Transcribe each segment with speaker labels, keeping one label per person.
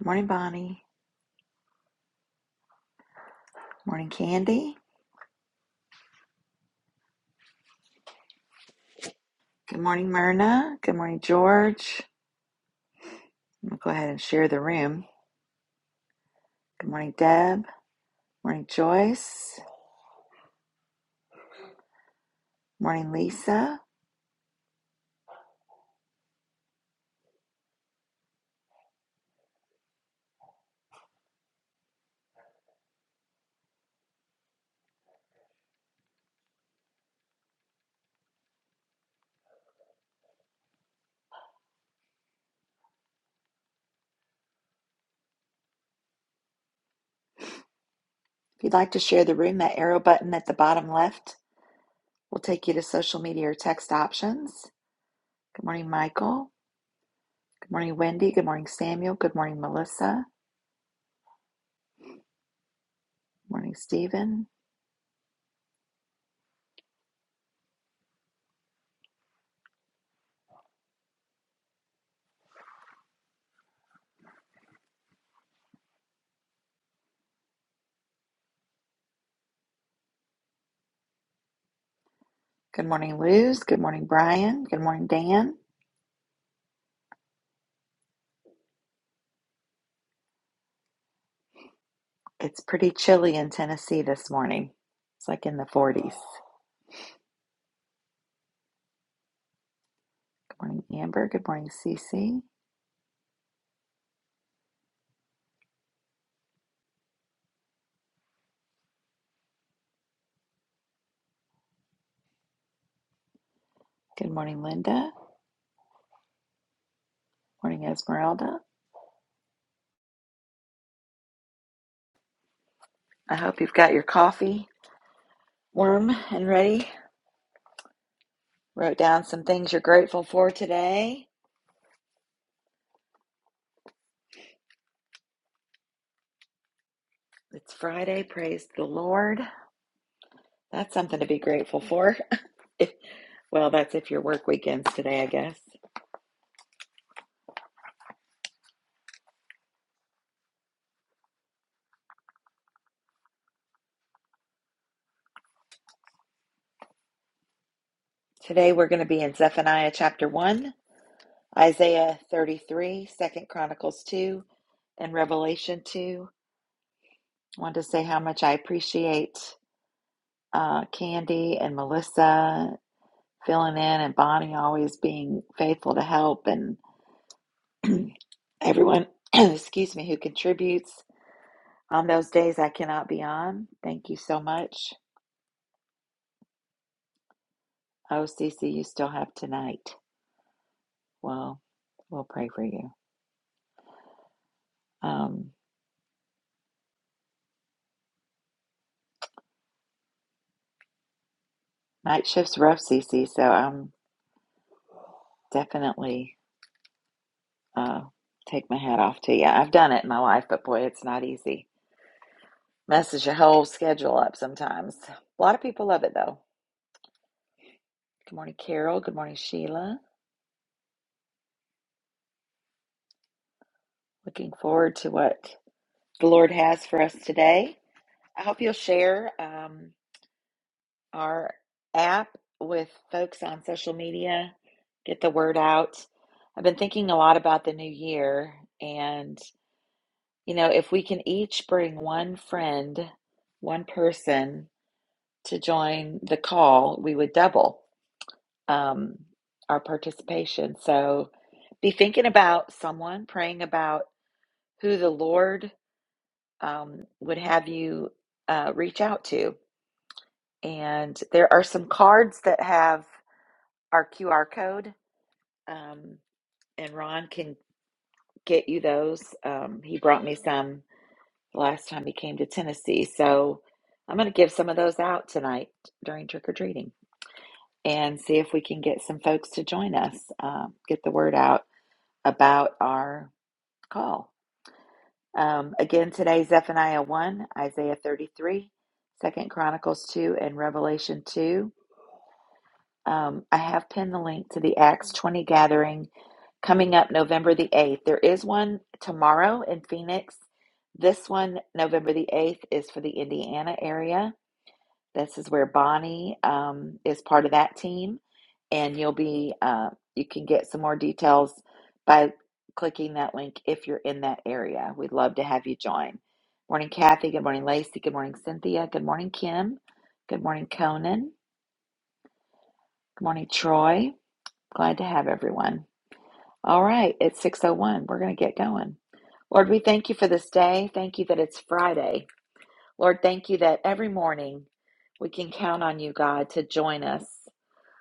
Speaker 1: Good morning, Bonnie. Good morning, Candy. Good morning, Myrna. Good morning, George. I'm going to go ahead and share the room. Good morning, Deb. Morning, Joyce. Morning, Lisa. If you'd like to share the room, that arrow button at the bottom left will take you to social media or text options. Good morning, Michael. Good morning, Wendy. Good morning, Samuel. Good morning, Melissa. Good morning, Stephen. Good morning, Luz. Good morning, Brian. Good morning, Dan. It's pretty chilly in Tennessee this morning. It's like in the 40s. Morning, Amber. Good morning, Cece. Good morning, Linda. Morning, Esmeralda. I hope you've got your coffee warm and ready. Wrote down some things you're grateful for today. It's Friday. Praise the Lord. That's something to be grateful for. If- well, that's if your work weekend's today, I guess. Today we're going to be in Zephaniah chapter 1, Isaiah 33, Second Chronicles 2, and Revelation 2. I wanted to say how much I appreciate uh, Candy and Melissa filling in and Bonnie always being faithful to help and everyone, excuse me, who contributes on those days I cannot be on. Thank you so much. Oh, Cece, you still have tonight. Well, we'll pray for you. Um, night shift's rough, Cece, so I'm definitely uh, take my hat off to you. I've done it in my life, but boy, it's not easy. Messes your whole schedule up sometimes. A lot of people love it though. Good morning, Carol. Good morning, Sheila. Looking forward to what the Lord has for us today. I hope you'll share um, our app with folks on social media, get the word out. I've been thinking a lot about the new year, and you know, if we can each bring one friend, one person to join the call, we would double um, our participation. So be thinking about someone, praying about who the Lord um, would have you uh, reach out to. And there are some cards that have our QR code, um, and Ron can get you those. Um, he brought me some last time he came to Tennessee. So I'm going to give some of those out tonight during trick or treating and see if we can get some folks to join us, um, get the word out about our call. Um, again today, Zephaniah 1, Isaiah 33, Second Chronicles 2, and Revelation 2. Um, I have pinned the link to the Acts 20 gathering coming up November the 8th. There is one tomorrow in Phoenix. This one, November the 8th, is for the Indiana area. This is where Bonnie um, is part of that team, and you'll be uh, you can get some more details by clicking that link if you're in that area. We'd love to have you join. Morning, Kathy. Good morning, Lacey. Good morning, Cynthia. Good morning, Kim. Good morning, Conan. Good morning, Troy. Glad to have everyone. All right, it's 6:01. We're going to get going. Lord, we thank you for this day. Thank you that it's Friday. Lord, thank you that every morning we can count on you, God, to join us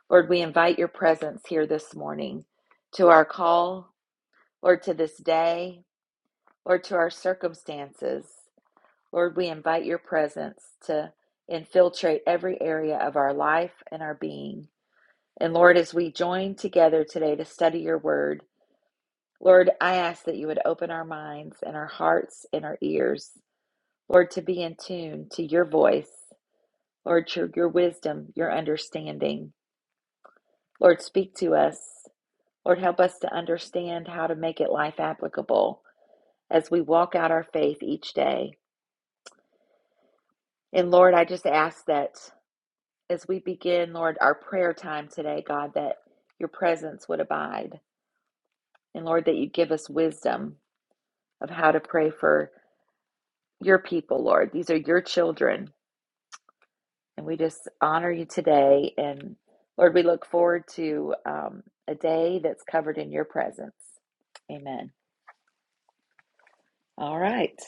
Speaker 1: Lord, we invite your presence here this morning to our call, Lord, to this day, Lord, to our circumstances. Lord, we invite your presence to infiltrate every area of our life and our being. And Lord, as we join together today to study your word, Lord, I ask that you would open our minds and our hearts and our ears, Lord, to be in tune to your voice, Lord, your your wisdom, your understanding. Lord, speak to us. Lord, help us to understand how to make it life applicable as we walk out our faith each day. And Lord, I just ask that as we begin, Lord, our prayer time today, God, that your presence would abide. And Lord, that you give us wisdom of how to pray for your people, Lord. These are your children. And we just honor you today. And Lord, we look forward to um, a day that's covered in your presence. Amen. All right.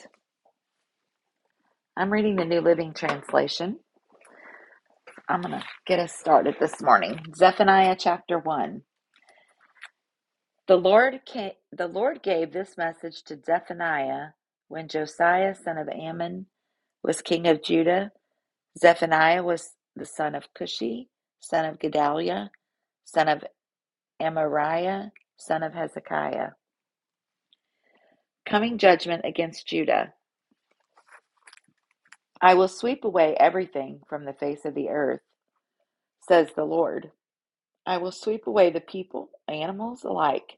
Speaker 1: I'm reading the New Living Translation. I'm going to get us started this morning. Zephaniah chapter 1. The Lord ca- the Lord gave this message to Zephaniah when Josiah son of Ammon was king of Judah. Zephaniah was the son of Cushi, son of Gedaliah, son of Amariah, son of Hezekiah. Coming judgment against Judah. I will sweep away everything from the face of the earth, says the Lord. I will sweep away the people, animals alike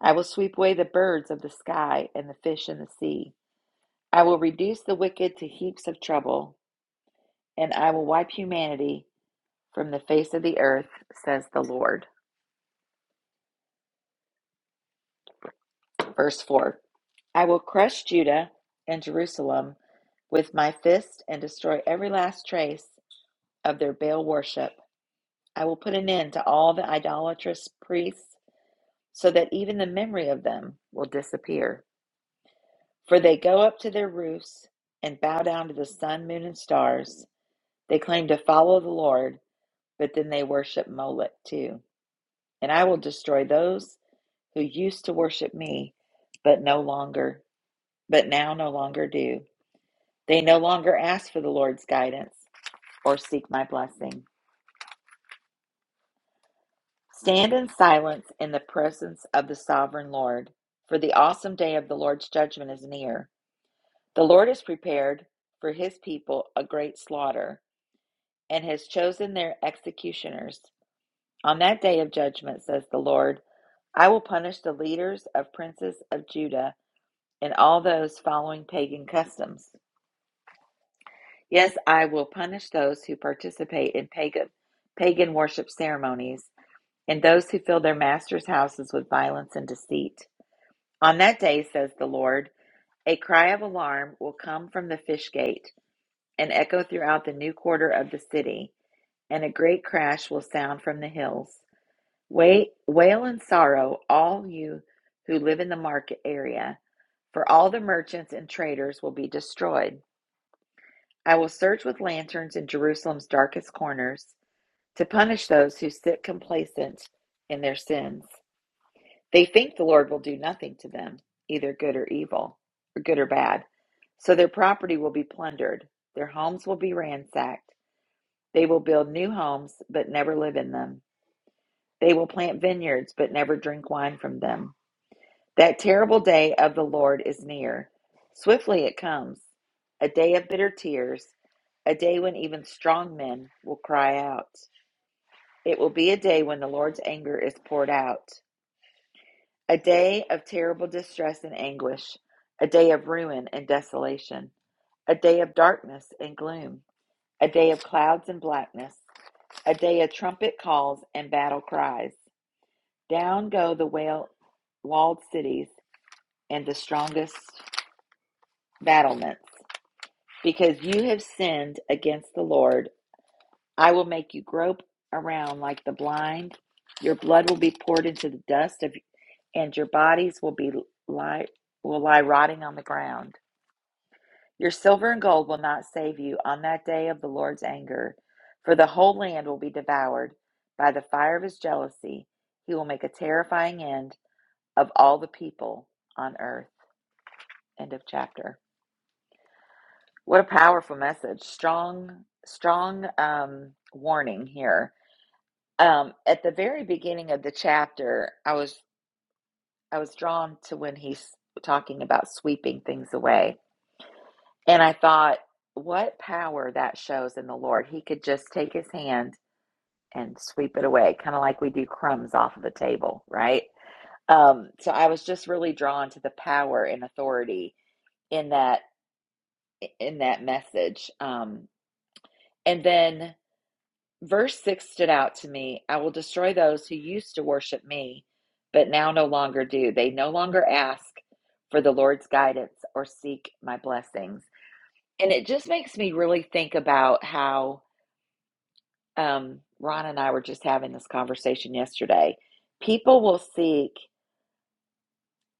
Speaker 1: I will sweep away the birds of the sky and the fish in the sea. I will reduce the wicked to heaps of trouble, and I will wipe humanity from the face of the earth, says the Lord. Verse 4 I will crush Judah and Jerusalem with my fist and destroy every last trace of their Baal worship. I will put an end to all the idolatrous priests so that even the memory of them will disappear. For they go up to their roofs and bow down to the sun, moon, and stars. They claim to follow the Lord, but then they worship Molech too. And I will destroy those who used to worship me, but no longer, but now no longer do. They no longer ask for the Lord's guidance or seek my blessing. Stand in silence in the presence of the sovereign Lord, for the awesome day of the Lord's judgment is near. The Lord has prepared for his people a great slaughter and has chosen their executioners. On that day of judgment, says the Lord, I will punish the leaders of princes of Judah and all those following pagan customs. Yes, I will punish those who participate in pagan, pagan worship ceremonies and those who fill their masters' houses with violence and deceit. On that day, says the Lord, a cry of alarm will come from the fish gate and echo throughout the new quarter of the city, and a great crash will sound from the hills. Wait, wail and sorrow, all you who live in the market area for all the merchants and traders will be destroyed. I will search with lanterns in Jerusalem's darkest corners to punish those who sit complacent in their sins. They think the Lord will do nothing to them, either good or evil, or good or bad. So their property will be plundered, their homes will be ransacked. They will build new homes, but never live in them. They will plant vineyards, but never drink wine from them. That terrible day of the Lord is near. Swiftly it comes, a day of bitter tears, a day when even strong men will cry out. It will be a day when the Lord's anger is poured out, a day of terrible distress and anguish, a day of ruin and desolation, a day of darkness and gloom, a day of clouds and blackness, a day of trumpet calls and battle cries. Down go the wall- walled cities and the strongest battlements. because you have sinned against the Lord. I will make you grope around like the blind. Your blood will be poured into the dust of, and your bodies will be lie, will lie rotting on the ground. Your silver and gold will not save you on that day of the Lord's anger, for the whole land will be devoured by the fire of his jealousy. He will make a terrifying end of all the people on earth. End of chapter. What a powerful message. Strong, strong um, warning here. Um, at the very beginning of the chapter, I was I was drawn to when he's talking about sweeping things away, and I thought, what power that shows in the Lord. He could just take his hand and sweep it away, kind of like we do crumbs off of the table, right? Um, so I was just really drawn to the power and authority in that in that message. Um, and then Verse 6 stood out to me. I will destroy those who used to worship me, but now no longer do. They no longer ask for the Lord's guidance or seek my blessings. And it just makes me really think about how um, Ron and I were just having this conversation yesterday. People will seek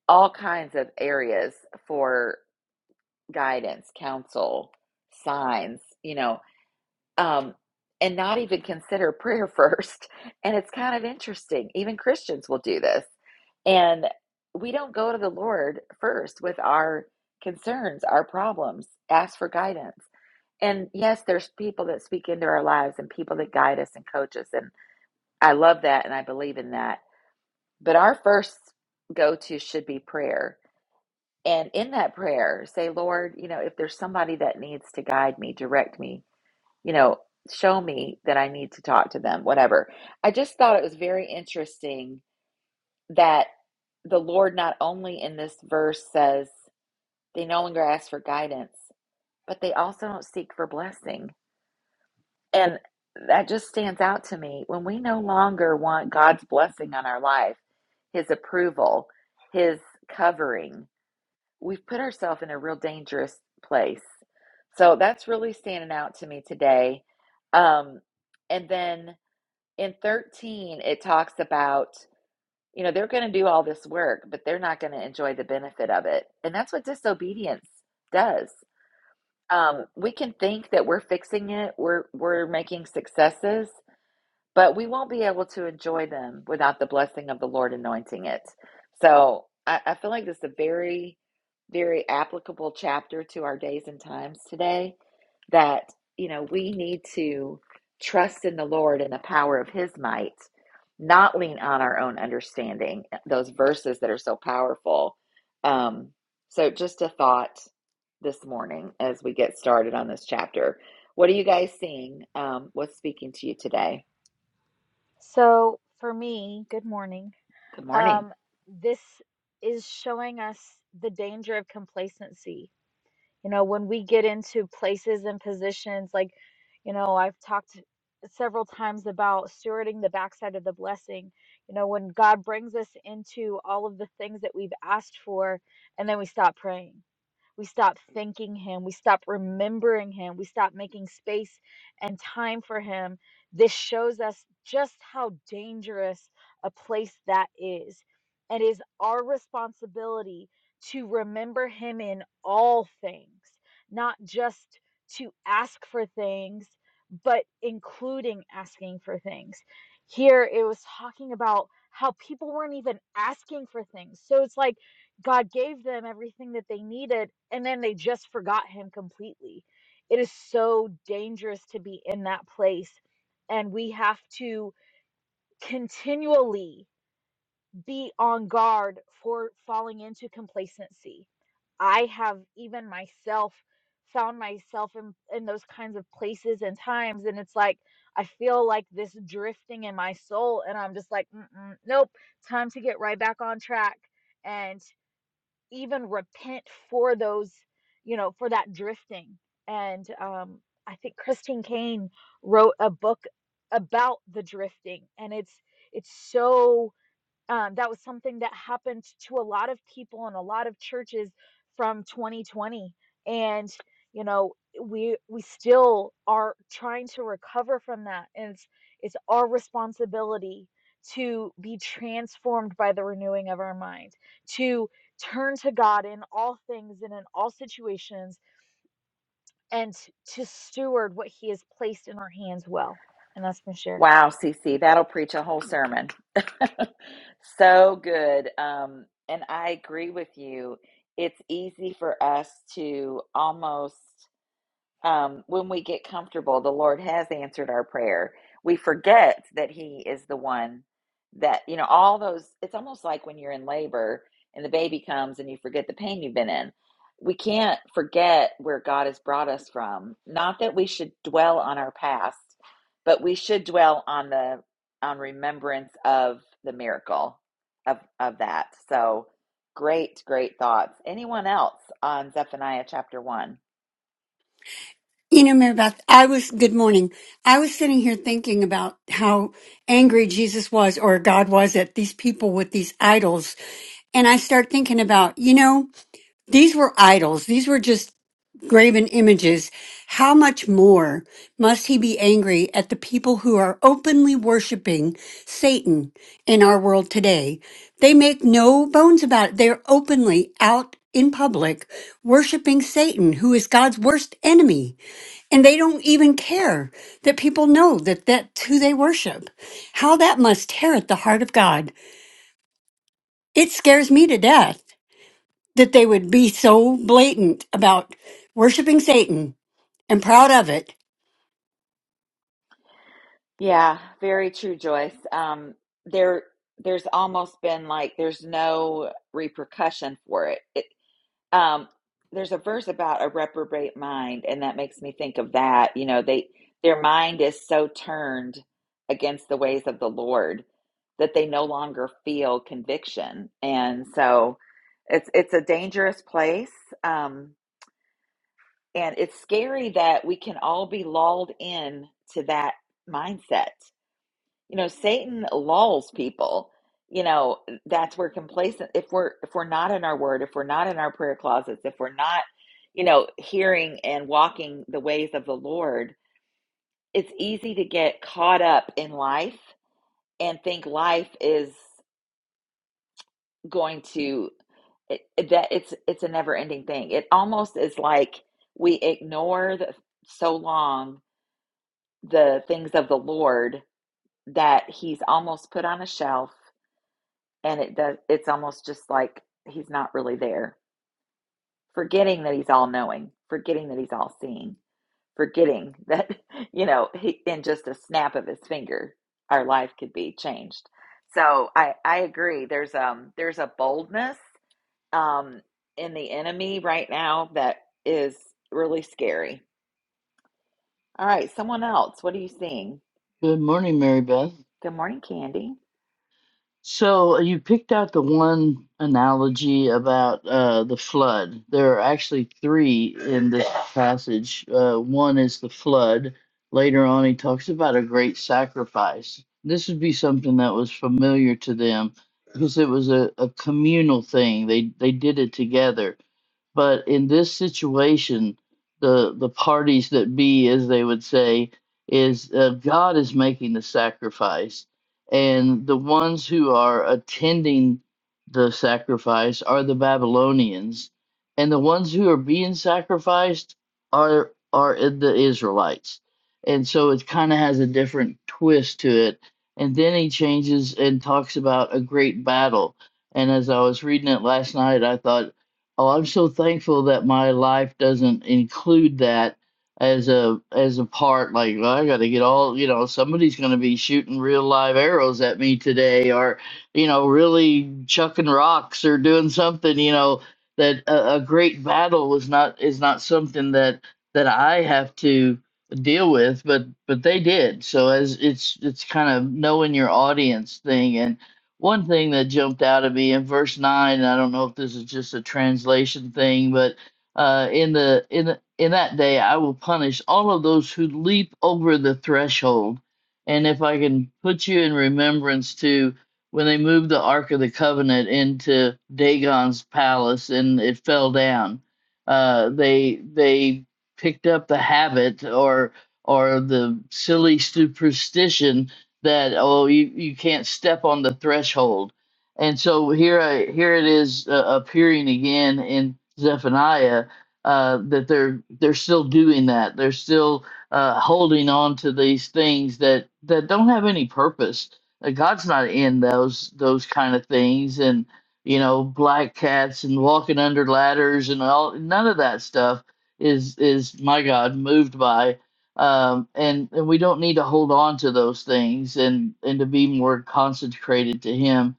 Speaker 1: all kinds of areas for guidance, counsel, signs, you know, um, and not even consider prayer first. And it's kind of interesting. Even Christians will do this. And we don't go to the Lord first with our concerns, our problems, ask for guidance. And yes, there's people that speak into our lives and people that guide us and coach us. And I love that and I believe in that. But our first go to should be prayer. And in that prayer, say, Lord, you know, if there's somebody that needs to guide me, direct me, you know, show me that I need to talk to them, whatever. I just thought it was very interesting that the Lord not only in this verse says they no longer ask for guidance, but they also don't seek for blessing. And that just stands out to me when we no longer want God's blessing on our life, his approval, his covering, we've put ourselves in a real dangerous place. So that's really standing out to me today. Um, and then in 13 it talks about you know they're going to do all this work but they're not going to enjoy the benefit of it and that's what disobedience does um, we can think that we're fixing it we're we're making successes but we won't be able to enjoy them without the blessing of the lord anointing it so i, I feel like this is a very very applicable chapter to our days and times today that you know we need to trust in the lord and the power of his might not lean on our own understanding uh, those verses that are so powerful um, so just a thought this morning as we get started on this chapter what are you guys seeing um, what's speaking to you today
Speaker 2: So for me, good morning.
Speaker 1: good morning
Speaker 2: Um, this is showing us the danger of complacency. You know, when we get into places and positions, like, you know, I've talked several times about stewarding the backside of the blessing. You know, when God brings us into all of the things that we've asked for, and then we stop praying we stop thanking Him. We stop remembering Him. We stop making space and time for Him. This shows us just how dangerous a place that is. It is our responsibility to remember Him in all things, not just to ask for things, but including asking for things. Here it was talking about how people weren't even asking for things. So it's like, God gave them everything that they needed, and then they just forgot Him completely. It is so dangerous to be in that place, and we have to continually be on guard for falling into complacency. I have even myself found myself in, in those kinds of places and times, and it's like I feel like this drifting in my soul, and I'm just like, Mm-mm, nope, time to get right back on track and even repent for those, you know, for that drifting. And um, I think Christine Kane wrote a book about the drifting, and it's it's so um, that was something that happened to a lot of people and a lot of churches from 2020 and you know we we still are trying to recover from that and it's it's our responsibility to be transformed by the renewing of our mind to turn to God in all things and in all situations and t- to steward what he has placed in our hands well and that's my share
Speaker 1: Wow, CC, that'll preach a whole sermon. so good. Um, and I agree with you. It's easy for us to almost um, when we get comfortable, the Lord has answered our prayer. We forget that He is the one that, you know, all those, it's almost like when you're in labor and the baby comes and you forget the pain you've been in. We can't forget where God has brought us from. Not that we should dwell on our past, but we should dwell on the on remembrance of the miracle of of that. So great, great thoughts. Anyone else on Zephaniah chapter one?
Speaker 3: You know, Mary Beth, I was, good morning. I was sitting here thinking about how angry Jesus was or God was at these people with these idols. And I start thinking about, you know, these were idols. These were just graven images. How much more must he be angry at the people who are openly worshiping Satan in our world today? They make no bones about it. They're openly out in public worshiping Satan, who is God's worst enemy and they don't even care that people know that that's who they worship. How that must tear at the heart of God. It scares me to death that they would be so blatant about worshiping Satan and proud of it.
Speaker 1: Yeah, very true, Joyce. Um, there, there's almost been like there's no repercussion for it. It, um, there's a verse about a reprobate mind, and that makes me think of that. You know, they their mind is so turned against the ways of the Lord that they no longer feel conviction, and so it's it's a dangerous place, um, and it's scary that we can all be lulled in to that mindset you know satan lulls people you know that's where complacent if we're if we're not in our word if we're not in our prayer closets if we're not you know hearing and walking the ways of the lord it's easy to get caught up in life and think life is going to it, it- that it's it's a never ending thing it almost is like we ignore the, so long the things of the lord that he's almost put on a shelf and it does it's almost just like he's not really there forgetting that he's all knowing forgetting that he's all seeing forgetting that you know he, in just a snap of his finger our life could be changed so i i agree there's um there's a boldness um in the enemy right now that is really scary all right someone else what are you seeing
Speaker 4: Good morning, Mary Beth.
Speaker 1: good morning candy
Speaker 4: So uh, you picked out the one analogy about uh, the flood. There are actually three in this passage. Uh, one is the flood. Later on, he talks about a great sacrifice. This would be something that was familiar to them because it was a, a communal thing. They they did it together but in this situation the the parties that be as they would say is uh, god is making the sacrifice and the ones who are attending the sacrifice are the babylonians and the ones who are being sacrificed are are i- the israelites and so it kind of has a different twist to it and then he changes and talks about a great battle and as i was reading it last night i thought Oh, I'm so thankful that my life doesn't include that as a as a part. Like well, I got to get all you know. Somebody's going to be shooting real live arrows at me today, or you know, really chucking rocks or doing something. You know, that a, a great battle was not is not something that that I have to deal with, but but they did. So as it's it's kind of knowing your audience thing and. One thing that jumped out at me in verse nine, I don't know if this is just a translation thing, but uh, in the in the, in that day I will punish all of those who leap over the threshold. And if I can put you in remembrance to when they moved the Ark of the Covenant into Dagon's palace and it fell down, uh, they they picked up the habit or or the silly superstition that oh you, you can't step on the threshold and so here I, here it is uh, appearing again in zephaniah uh, that they're they're still doing that they're still uh, holding on to these things that that don't have any purpose Uh, god's not in those those kind of things and you know black cats and walking under ladders and all none of that stuff is is my god moved by um, and and we don't need to hold on to those things and and to be more consecrated to Him.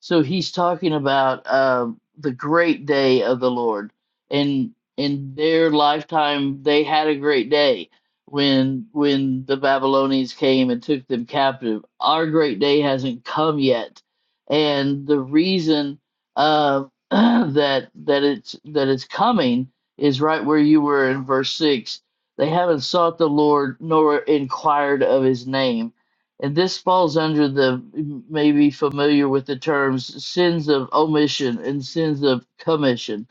Speaker 4: So He's talking about um the great day of the Lord, and in their lifetime they had a great day when when the Babylonians came and took them captive. Our great day hasn't come yet, and the reason uh, that that it's that it's coming is right where you were in verse six they haven't sought the Lord nor inquired of his name. And this falls under the may be familiar with the terms sins of omission and sins of commission.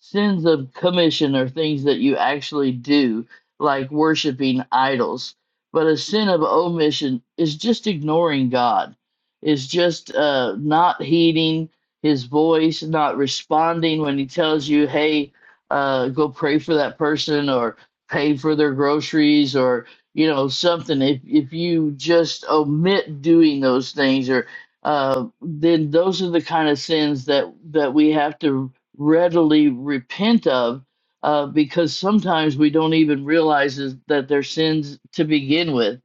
Speaker 4: Sins of commission are things that you actually do, like worshiping idols. But a sin of omission is just ignoring God, is just uh, not heeding his voice, not responding when he tells you, hey, uh, go pray for that person or pay for their groceries or you know something if if you just omit doing those things or uh then those are the kind of sins that that we have to readily repent of uh because sometimes we don't even realize is that they're sins to begin with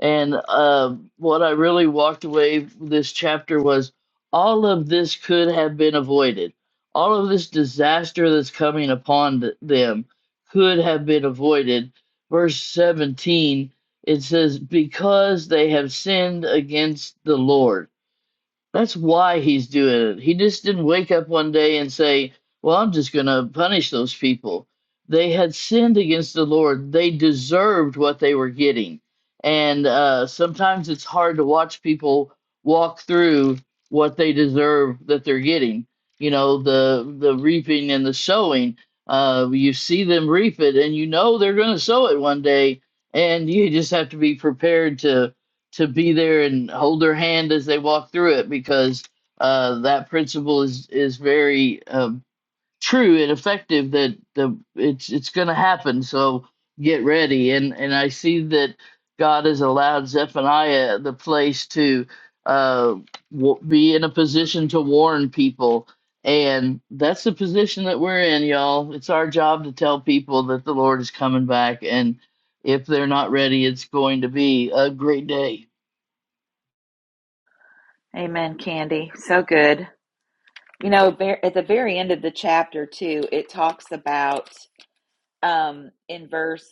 Speaker 4: and uh what i really walked away with this chapter was all of this could have been avoided all of this disaster that's coming upon th- them could have been avoided. Verse 17, it says, Because they have sinned against the Lord. That's why he's doing it. He just didn't wake up one day and say, Well, I'm just going to punish those people. They had sinned against the Lord, they deserved what they were getting. And uh, sometimes it's hard to watch people walk through what they deserve that they're getting. You know, the, the reaping and the sowing. Uh, you see them reap it, and you know they're going to sow it one day. And you just have to be prepared to to be there and hold their hand as they walk through it because uh, that principle is is very um, true and effective. That the it's it's going to happen. So get ready. And and I see that God has allowed Zephaniah the place to uh, w- be in a position to warn people. And that's the position that we're in, y'all. It's our job to tell people that the Lord is coming back. And if they're not ready, it's going to be a great day.
Speaker 1: amen candy so good You know, at the very end of the chapter, too, it talks about um, in verse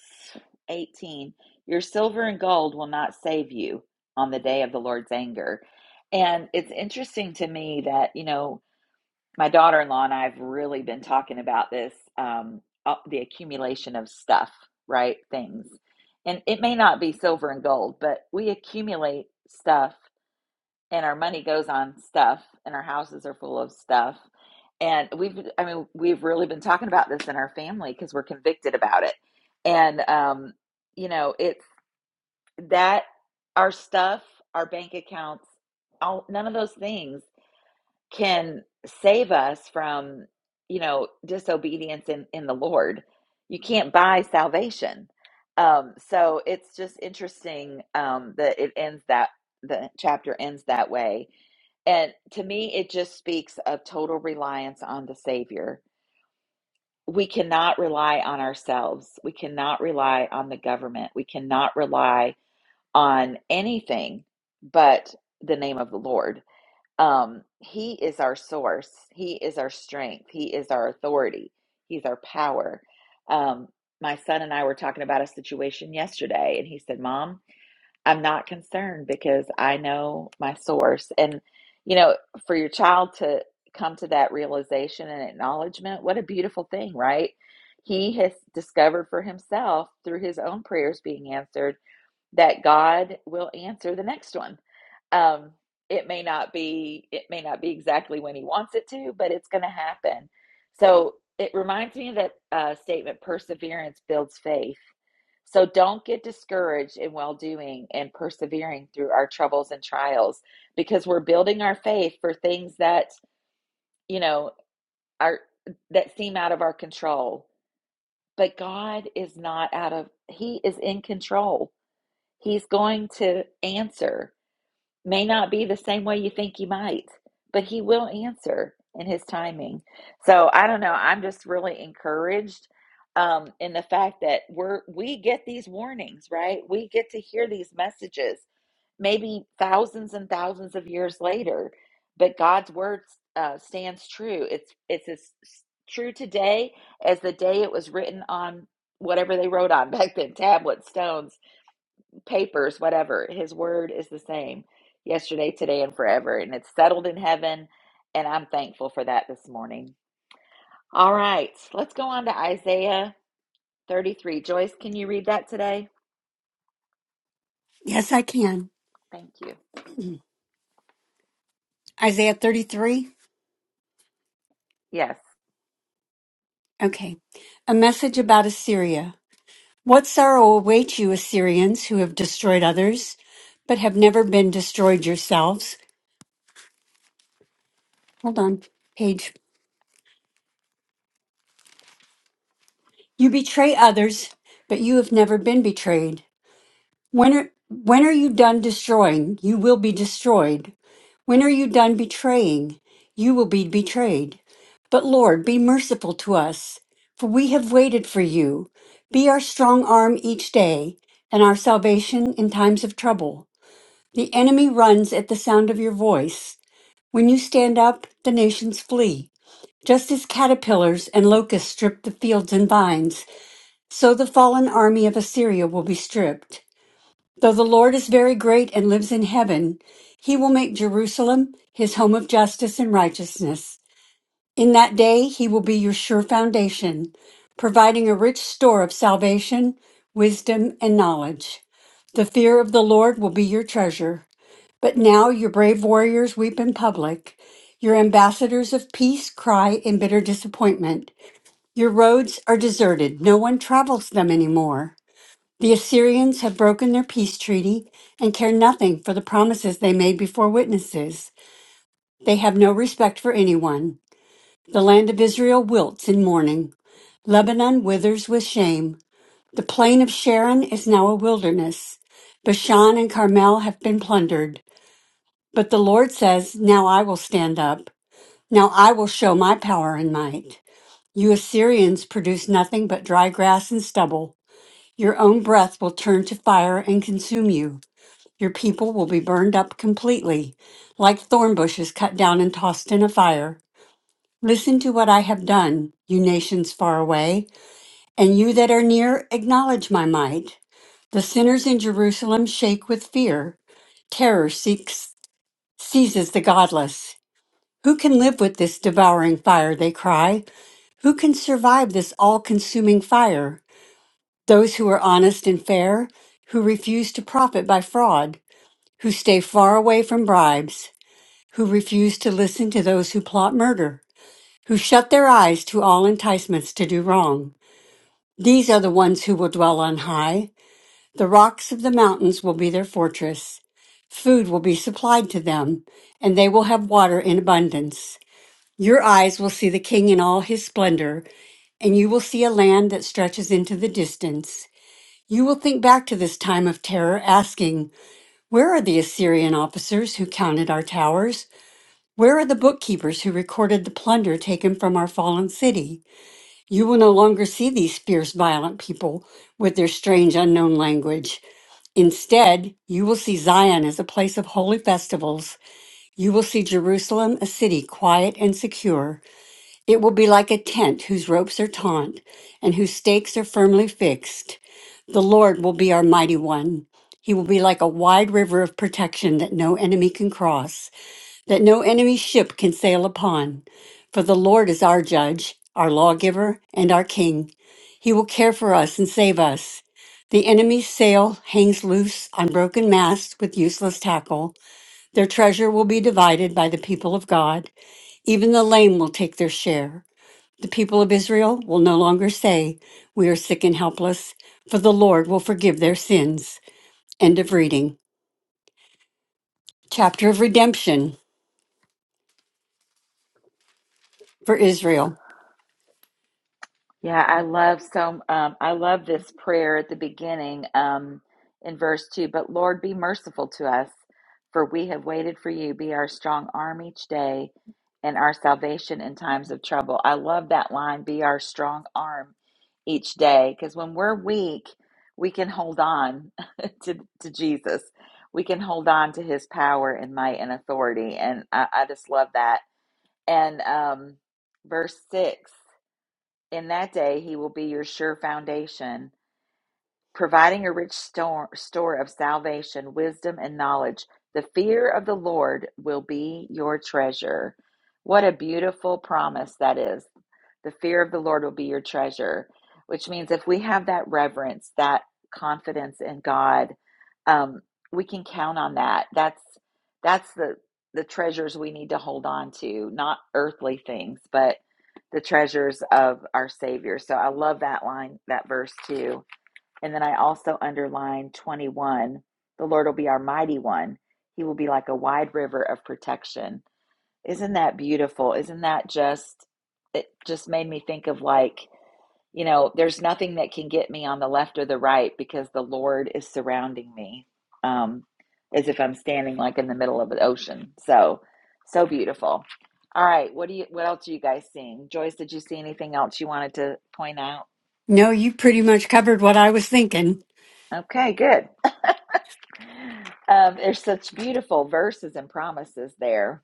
Speaker 1: 18 your silver and gold will not save you on the day of the Lord's anger. And it's interesting to me that, you know, my daughter in law and I have really been talking about this um, uh, the accumulation of stuff, right? Things. And it may not be silver and gold, but we accumulate stuff and our money goes on stuff and our houses are full of stuff and we've i mean we've really been talking about this in our family because we're convicted about it and um you know it's that our stuff our bank accounts all, none of those things can save us from, you know, disobedience in, in the Lord. You can't buy salvation. Um, so it's just interesting um, that it ends that the chapter ends that way. And to me, it just speaks of total reliance on the Savior. We cannot rely on ourselves. We cannot rely on the government. We cannot rely on anything but the name of the Lord um, he is our source. He is our strength. He is our authority. He's our power. Um, my son and I were talking about a situation yesterday, and he said, Mom, I'm not concerned because I know my source. And, you know, for your child to come to that realization and acknowledgement, what a beautiful thing, right? He has discovered for himself through his own prayers being answered that God will answer the next one. Um, it may not be it may not be exactly when He wants it to, but it's going to happen. So it reminds me of that uh, statement: perseverance builds faith. So don't get discouraged in well doing and persevering through our troubles and trials, because we're building our faith for things that you know are that seem out of our control. But God is not out of He is in control. He's going to answer may not be the same way you think you might, but he will answer in his timing. So I don't know. I'm just really encouraged um, in the fact that we're we get these warnings, right? We get to hear these messages, maybe thousands and thousands of years later, but God's word uh, stands true. It's it's as true today as the day it was written on whatever they wrote on back then, tablets, stones papers, whatever. His word is the same yesterday, today, and forever. And it's settled in heaven. And I'm thankful for that this morning. All right, let's go on to Isaiah 33. Joyce, can you read that today?
Speaker 3: Yes, I can.
Speaker 1: Thank you.
Speaker 3: Isaiah 33.
Speaker 1: Yes.
Speaker 3: Okay. A message about Assyria. What sorrow awaits you, Assyrians, who have destroyed others, but have never been destroyed yourselves? Hold on, page. You betray others, but you have never been betrayed. When are, when are you done destroying? You will be destroyed. When are you done betraying? You will be betrayed. But Lord, be merciful to us, for we have waited for you. Be our strong arm each day and our salvation in times of trouble. The enemy runs at the sound of your voice. When you stand up, the nations flee. Just as caterpillars and locusts strip the fields and vines, so the fallen army of Assyria will be stripped. Though the Lord is very great and lives in heaven, he will make Jerusalem his home of justice and righteousness. In that day, he will be your sure foundation, providing a rich store of salvation, wisdom, and knowledge. The fear of the Lord will be your treasure. But now your brave warriors weep in public. Your ambassadors of peace cry in bitter disappointment. Your roads are deserted. No one travels them anymore. The Assyrians have broken their peace treaty and care nothing for the promises they made before witnesses. They have no respect for anyone. The land of Israel wilts in mourning. Lebanon withers with shame. The plain of Sharon is now a wilderness. Bashan and Carmel have been plundered. But the Lord says, Now I will stand up. Now I will show my power and might. You Assyrians produce nothing but dry grass and stubble. Your own breath will turn to fire and consume you. Your people will be burned up completely, like thorn bushes cut down and tossed in a fire. Listen to what I have done, you nations far away, and you that are near, acknowledge my might. The sinners in Jerusalem shake with fear. Terror seeks, seizes the godless. Who can live with this devouring fire? They cry. Who can survive this all consuming fire? Those who are honest and fair, who refuse to profit by fraud, who stay far away from bribes. who refuse to listen to those who plot murder, who shut their eyes to all enticements to do wrong. These are the ones who will dwell on high. The rocks of the mountains will be their fortress. Food will be supplied to them, and they will have water in abundance. Your eyes will see the king in all his splendor, and you will see a land that stretches into the distance. You will think back to this time of terror, asking, Where are the Assyrian officers who counted our towers? Where are the bookkeepers who recorded the plunder taken from our fallen city? You will no longer see these fierce, violent people with their strange, unknown language. Instead, you will see Zion as a place of holy festivals. You will see Jerusalem, a city quiet and secure. It will be like a tent whose ropes are taut and whose stakes are firmly fixed. The Lord will be our mighty one. He will be like a wide river of protection that no enemy can cross that no enemy ship can sail upon. For the Lord is our judge, our lawgiver, and our king. He will care for us and save us. The enemy's sail hangs loose on broken masts with useless tackle. Their treasure will be divided by the people of God. Even the lame will take their share. The people of Israel will no longer say, We are sick and helpless, for the Lord will forgive their sins. End of reading. Chapter of Redemption for Israel.
Speaker 1: Yeah, I love so um I love this prayer at the beginning um in verse 2, but Lord be merciful to us for we have waited for you be our strong arm each day and our salvation in times of trouble. I love that line be our strong arm each day because when we're weak, we can hold on to to Jesus. We can hold on to his power and might and authority and I, I just love that. And um verse 6 in that day, he will be your sure foundation, providing a rich store, store of salvation, wisdom, and knowledge. The fear of the Lord will be your treasure. What a beautiful promise that is. The fear of the Lord will be your treasure, which means if we have that reverence, that confidence in God, um, we can count on that. That's that's the the treasures we need to hold on to, not earthly things, but the treasures of our Savior. So I love that line, that verse too. And then I also underlined 21. The Lord will be our mighty one. He will be like a wide river of protection. Isn't that beautiful? Isn't that just, it just made me think of like, you know, there's nothing that can get me on the left or the right because the Lord is surrounding me, um, as if I'm standing like in the middle of an ocean. So, so beautiful. All right, what do you, what else are you guys seeing? Joyce, did you see anything else you wanted to point out?
Speaker 3: No, you pretty much covered what I was thinking.
Speaker 1: Okay, good. Um, there's such beautiful verses and promises there.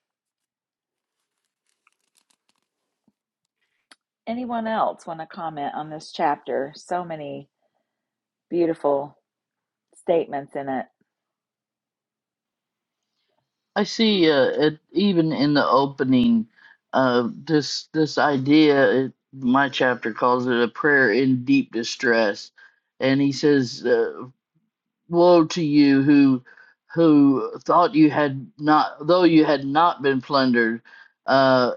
Speaker 1: Anyone else want to comment on this chapter? So many beautiful statements in it.
Speaker 4: I see. Uh, it, even in the opening, uh, this this idea, it, my chapter calls it a prayer in deep distress, and he says, uh, "Woe to you who who thought you had not, though you had not been plundered, uh,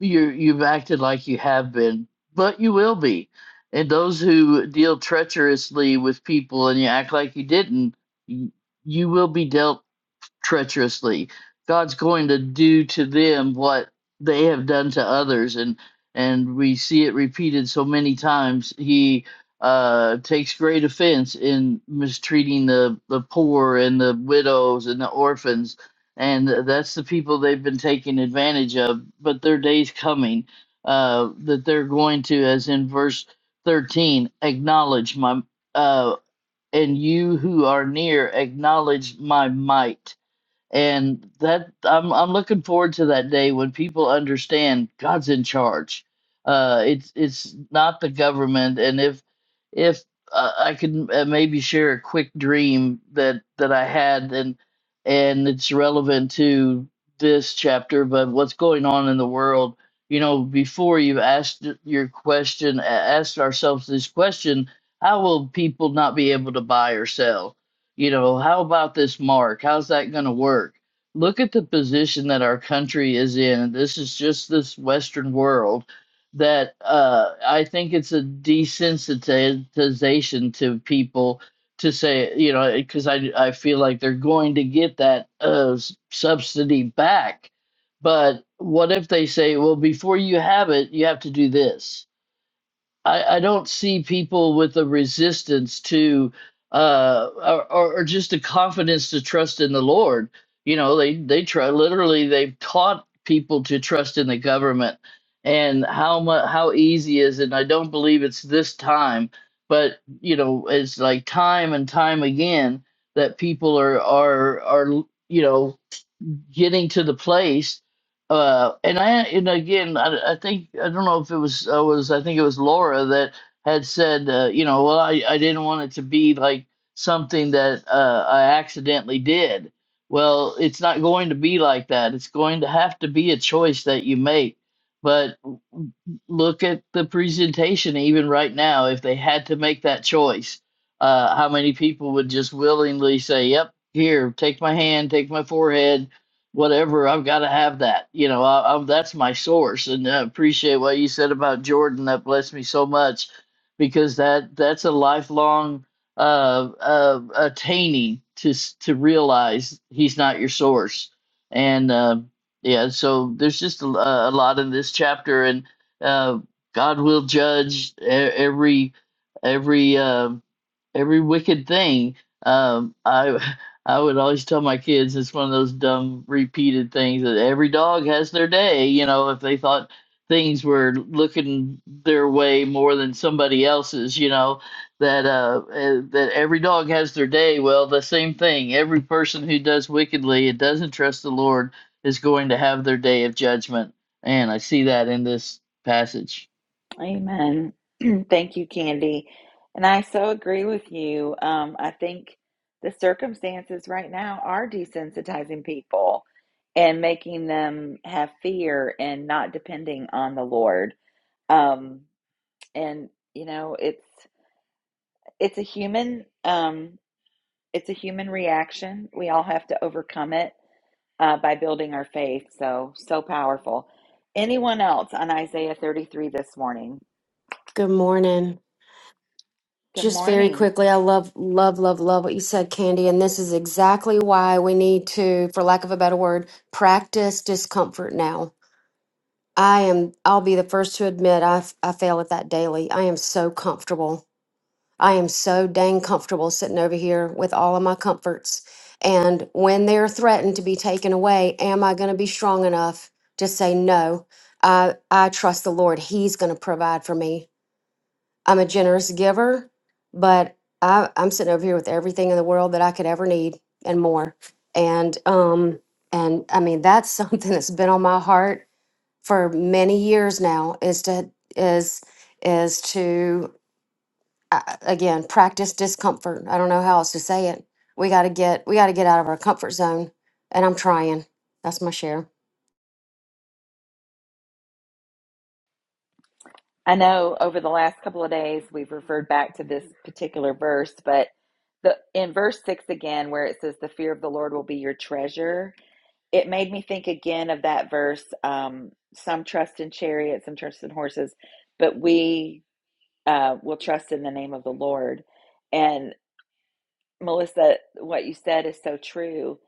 Speaker 4: you you've acted like you have been, but you will be." And those who deal treacherously with people and you act like you didn't, y- you will be dealt treacherously. God's going to do to them what they have done to others, and and we see it repeated so many times. He uh, takes great offense in mistreating the the poor and the widows and the orphans, and that's the people they've been taking advantage of. But their day's coming uh, that they're going to, as in verse thirteen, acknowledge my uh, and you who are near acknowledge my might and that I'm I'm looking forward to that day when people understand God's in charge. Uh, it's it's not the government, and if if uh, I could uh, maybe share a quick dream that that I had, and and it's relevant to this chapter, but what's going on in the world? You know, before you've asked your question, a- asked ourselves this question: How will people not be able to buy or sell? you know how about this mark how's that going to work look at the position that our country is in this is just this western world that uh, i think it's a desensitization to people to say you know because I, I feel like they're going to get that uh, s- subsidy back but what if they say well before you have it you have to do this I, I don't see people with a resistance to uh or, or or just a confidence to trust in the Lord. You know, they they try literally they've taught people to trust in the government and how much how easy is it. And I don't believe it's this time, but you know, it's like time and time again that people are are are you know getting to the place. Uh, and I, and again, I, I think I don't know if it was I was I think it was Laura that had said, uh, you know, well, I, I didn't want it to be like something that uh, I accidentally did. Well, it's not going to be like that. It's going to have to be a choice that you make. But look at the presentation, even right now, if they had to make that choice, uh, how many people would just willingly say, "Yep, here, take my hand, take my forehead," whatever i've got to have that you know I, I, that's my source and i appreciate what you said about jordan that blessed me so much because that that's a lifelong uh, uh attaining to s- to realize he's not your source and uh, yeah so there's just a a lot in this chapter and uh god will judge e- every every Uh, every wicked thing. Um, I I would always tell my kids it's one of those dumb repeated things that every dog has their day. You know, if they thought things were looking their way more than somebody else's, you know, that uh, eh, that every dog has their day. Well, the same thing. Every person who does wickedly and doesn't trust the Lord is going to have their day of judgment. And I see that in this passage.
Speaker 1: Amen. Thank you, Candy. And I so agree with you. Um, I think the circumstances right now are desensitizing people and making them have fear and not depending on the Lord. Um, and you know, it's it's a human um, it's a human reaction. We all have to overcome it uh, by building our faith. So so powerful. Anyone else on Isaiah 33 this morning?
Speaker 5: Good morning.
Speaker 1: Good
Speaker 5: Just very
Speaker 1: morning.
Speaker 5: quickly, I love, love, love, love what you said, Candy. And this is exactly why we need to, for lack of a better word, practice discomfort now. I am, I'll be the first to admit I, f- I fail at that daily. I am so comfortable. I am so dang comfortable sitting over here with all of my comforts. And when they're threatened to be taken away, am I going to be strong enough to say no? I, I trust the Lord. He's going to provide for me. I'm a generous giver, but I, I'm sitting over here with everything in the world that I could ever need and more. And um, and I mean that's something that's been on my heart for many years now is to is is to uh, again practice discomfort. I don't know how else to say it. We got to get we got to get out of our comfort zone, and I'm trying. That's my share.
Speaker 1: I know over the last couple of days we've referred back to this particular verse, but the in verse 6 again where it says the fear of the Lord will be your treasure, it made me think again of that verse um some trust in chariots, some trust in horses, but we uh will trust in the name of the Lord. And Melissa, what you said is so true.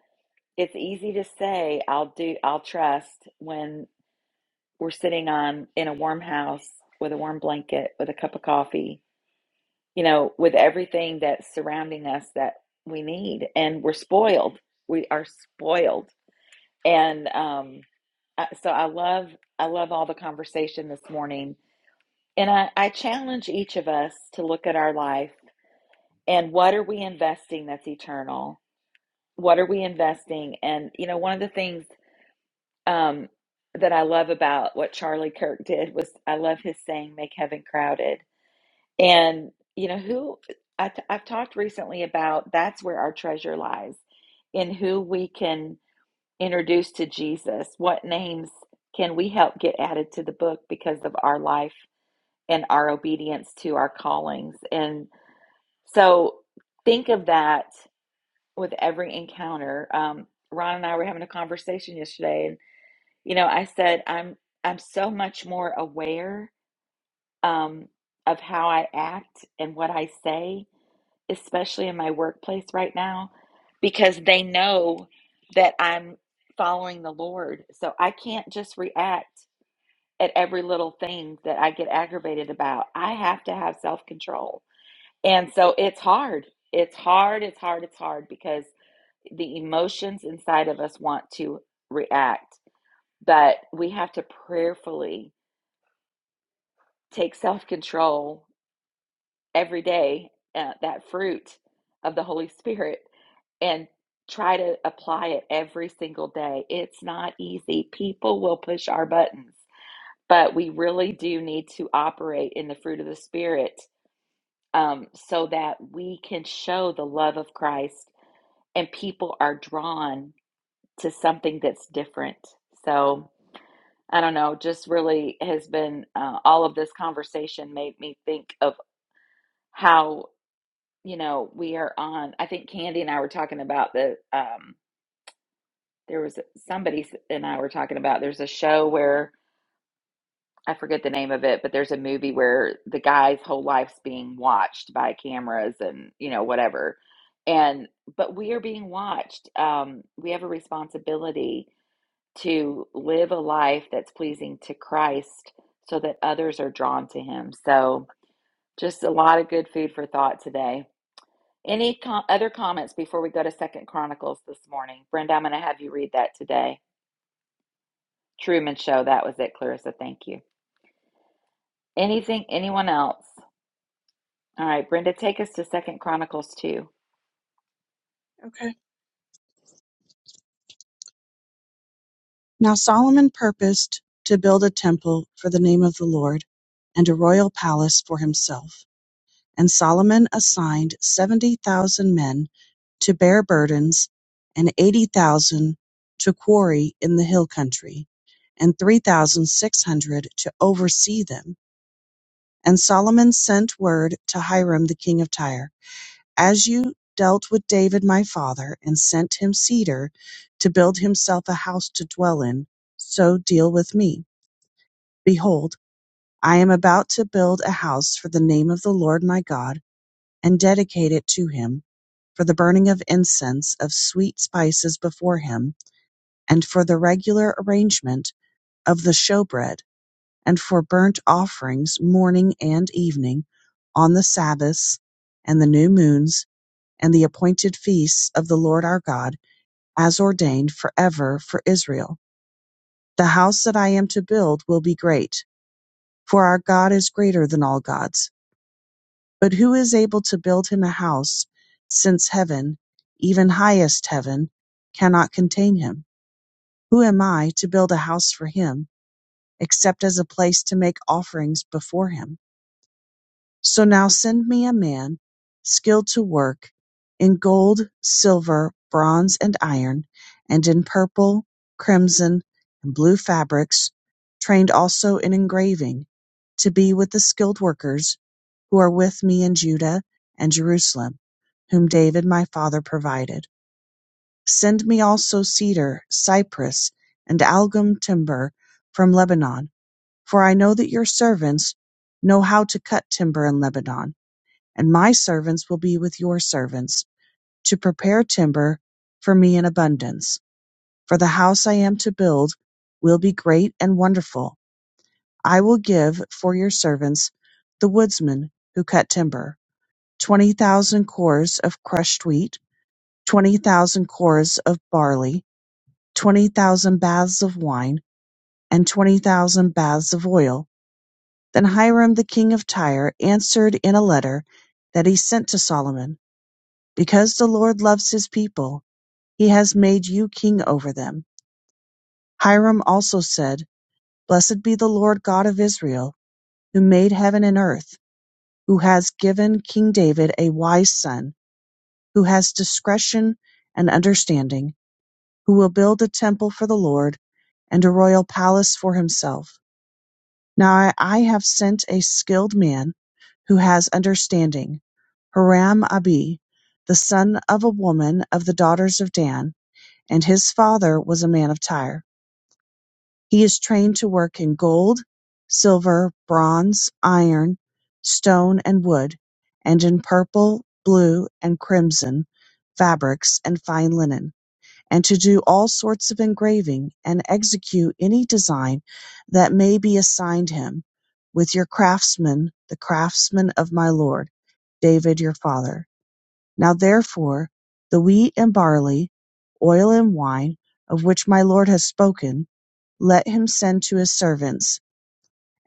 Speaker 1: It's easy to say I'll do I'll trust when we're sitting on in a warm house with a warm blanket, with a cup of coffee, you know, with everything that's surrounding us that we need. And we're spoiled. We are spoiled. And um, so I love I love all the conversation this morning. And I, I challenge each of us to look at our life and what are we investing that's eternal? What are we investing? And you know, one of the things um, that I love about what Charlie Kirk did was I love his saying, make heaven crowded. And, you know, who I t- I've talked recently about that's where our treasure lies in who we can introduce to Jesus. What names can we help get added to the book because of our life and our obedience to our callings? And so think of that with every encounter. Um, Ron and I were having a conversation yesterday, you know, I said I'm I'm so much more aware um, of how I act and what I say, especially in my workplace right now, because they know that I'm following the Lord. So I can't just react at every little thing that I get aggravated about. I have to have self control, and so it's hard. It's hard. It's hard. It's hard because the emotions inside of us want to react but we have to prayerfully take self control every day, uh, that fruit of the Holy Spirit, and try to apply it every single day. It's not easy. People will push our buttons, but we really do need to operate in the fruit of the Spirit um, so that we can show the love of Christ and people are drawn to something that's different. So, I don't know, just really has been uh, all of this conversation made me think of. How you know, we are on, I think Candy and I were talking about the, um, there was somebody s- and I were talking about there's a show where I forget the name of it, but there's a movie where the guy's whole life's being watched by cameras and, you know, whatever. And, but we are being watched. Um, we have a responsibility to live a life that's pleasing to Christ so that others are drawn to him. So just a lot of good food for thought today. Any com- other comments before we go to Second Chronicles this morning? Brenda, I'm going to have you read that today. Truman Show, that was it, Clarissa. Thank you. Anything, anyone else? All right, Brenda, take us to Second Chronicles 2.
Speaker 6: Okay. Now Solomon purposed to build a temple for the name of the Lord and a royal palace for himself. And Solomon assigned 70,000 men to bear burdens and 80,000 to quarry in the hill country and 3,600 to oversee them. And Solomon sent word to Hiram, the king of Tyre As you dealt with David my father, and sent him cedar to build himself a house to dwell in, so deal with me. Behold, I am about to build a house for the name of the Lord my God, and dedicate it to him, for the burning of incense of sweet spices before him, and for the regular arrangement of the showbread, and for burnt offerings morning and evening, on the Sabbaths and the new moons and the appointed feasts of the Lord our God, as ordained forever for Israel. The house that I am to build will be great, for our God is greater than all gods. But who is able to build him a house, since heaven, even highest heaven, cannot contain him? Who am I to build a house for him, except as a place to make offerings before him? So now send me a man skilled to work in gold, silver, bronze, and iron, and in purple, crimson, and blue fabrics, trained also in engraving, to be with the skilled workers who are with me in Judah and Jerusalem, whom David my father provided. Send me also cedar, cypress, and algum timber from Lebanon, for I know that your servants know how to cut timber in Lebanon and my servants will be with your servants, to prepare timber for me in abundance. For the house I am to build will be great and wonderful. I will give for your servants the woodsmen who cut timber, 20,000 cores of crushed wheat, 20,000 cores of barley, 20,000 baths of wine, and 20,000 baths of oil. Then Hiram the king of Tyre answered in a letter that he sent to Solomon. Because the Lord loves his people, he has made you king over them. Hiram also said, Blessed be the Lord God of Israel, who made heaven and earth, who has given King David a wise son, who has discretion and understanding, who will build a temple for the Lord and a royal palace for himself. Now I I have sent a skilled man who has understanding, Hiram Abi, the son of a woman of the daughters of Dan and his father was a man of Tyre. He is trained to work in gold, silver, bronze, iron, stone, and wood, and in purple, blue, and crimson fabrics and fine linen, and to do all sorts of engraving and execute any design that may be assigned him with your craftsmen, the craftsmen of my lord David your father. Now therefore the wheat and barley, oil and wine, of which my lord has spoken, let him send to his servants,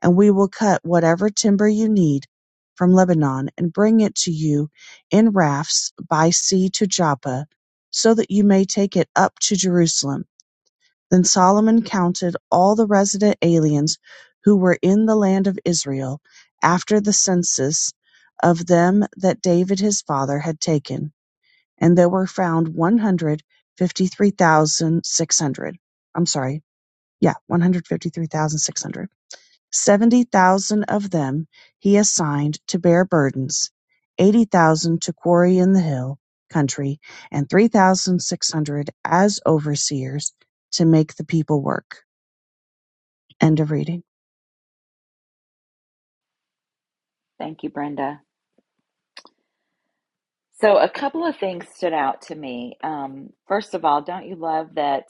Speaker 6: and we will cut whatever timber you need from Lebanon, and bring it to you in rafts by sea to Joppa, so that you may take it up to Jerusalem. Then Solomon counted all the resident aliens who were in the land of Israel, after the census of them that David his father had taken and there were found one hundred fifty-three thousand six hundred. I'm sorry, yeah, one hundred fifty-three thousand six hundred. Seventy thousand of them he assigned to bear burdens, eighty thousand to quarry in the hill country, and three thousand six hundred as overseers to make the people work. End of reading.
Speaker 1: Thank you, Brenda. So, a couple of things stood out to me. Um, first of all, don't you love that?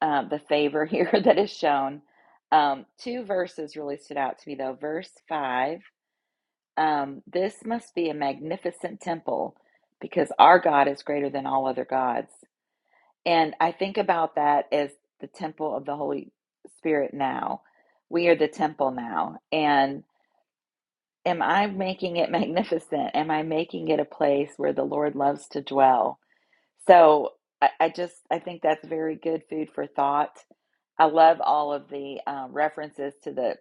Speaker 1: uh, the favor here that is shown. Um, two verses really stood out to me, though. Verse 5 um, This must be a magnificent temple because our God is greater than all other gods. And I think about that as the temple of the Holy Spirit now. We are the temple now. And am I making it magnificent? Am I making it a place where the Lord loves to dwell? So I, I just, I think that's very good food for thought I love all of the uh, references to the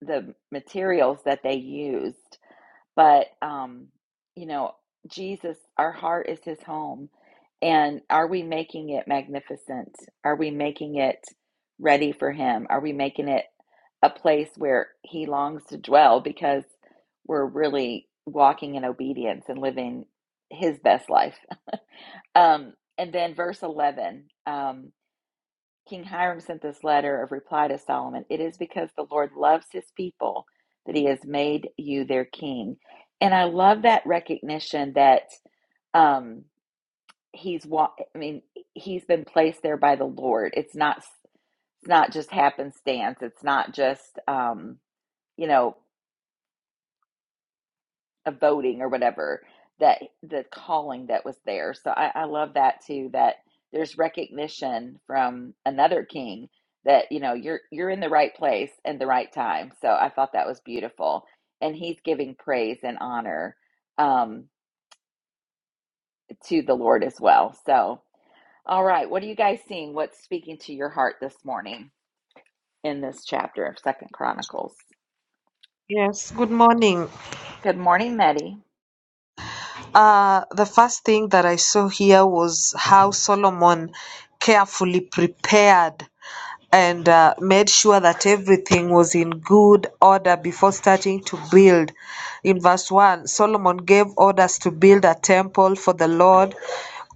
Speaker 1: the materials that they used. But um, you know, Jesus, our heart is His home, and are we making it magnificent? Are we making it ready for Him? Are we making it a place where He longs to dwell? Because we're really walking in obedience and living His best life. Um, and then verse eleven. Um, King Hiram sent this letter of reply to Solomon It is because the Lord loves his people that he has made you their king. And I love that recognition that um, he's, wa- I mean, he's been placed there by the Lord. It's not, it's not just happenstance. It's not just, um, you know, of voting or whatever that the calling that was there. So I, I love that too. That there's recognition from another king that you know you're you're in the right place and the right time. So I thought that was beautiful, and he's giving praise and honor um, to the Lord as well. So all right, what are you guys seeing? What's speaking to your heart this morning in this chapter of Second Chronicles?
Speaker 7: Yes, good morning.
Speaker 1: Good morning, Meddy.
Speaker 7: Uh, the first thing that I saw here was how Solomon carefully prepared and uh, made sure that everything was in good order before starting to build. In verse 1, Solomon gave orders to build a temple for the Lord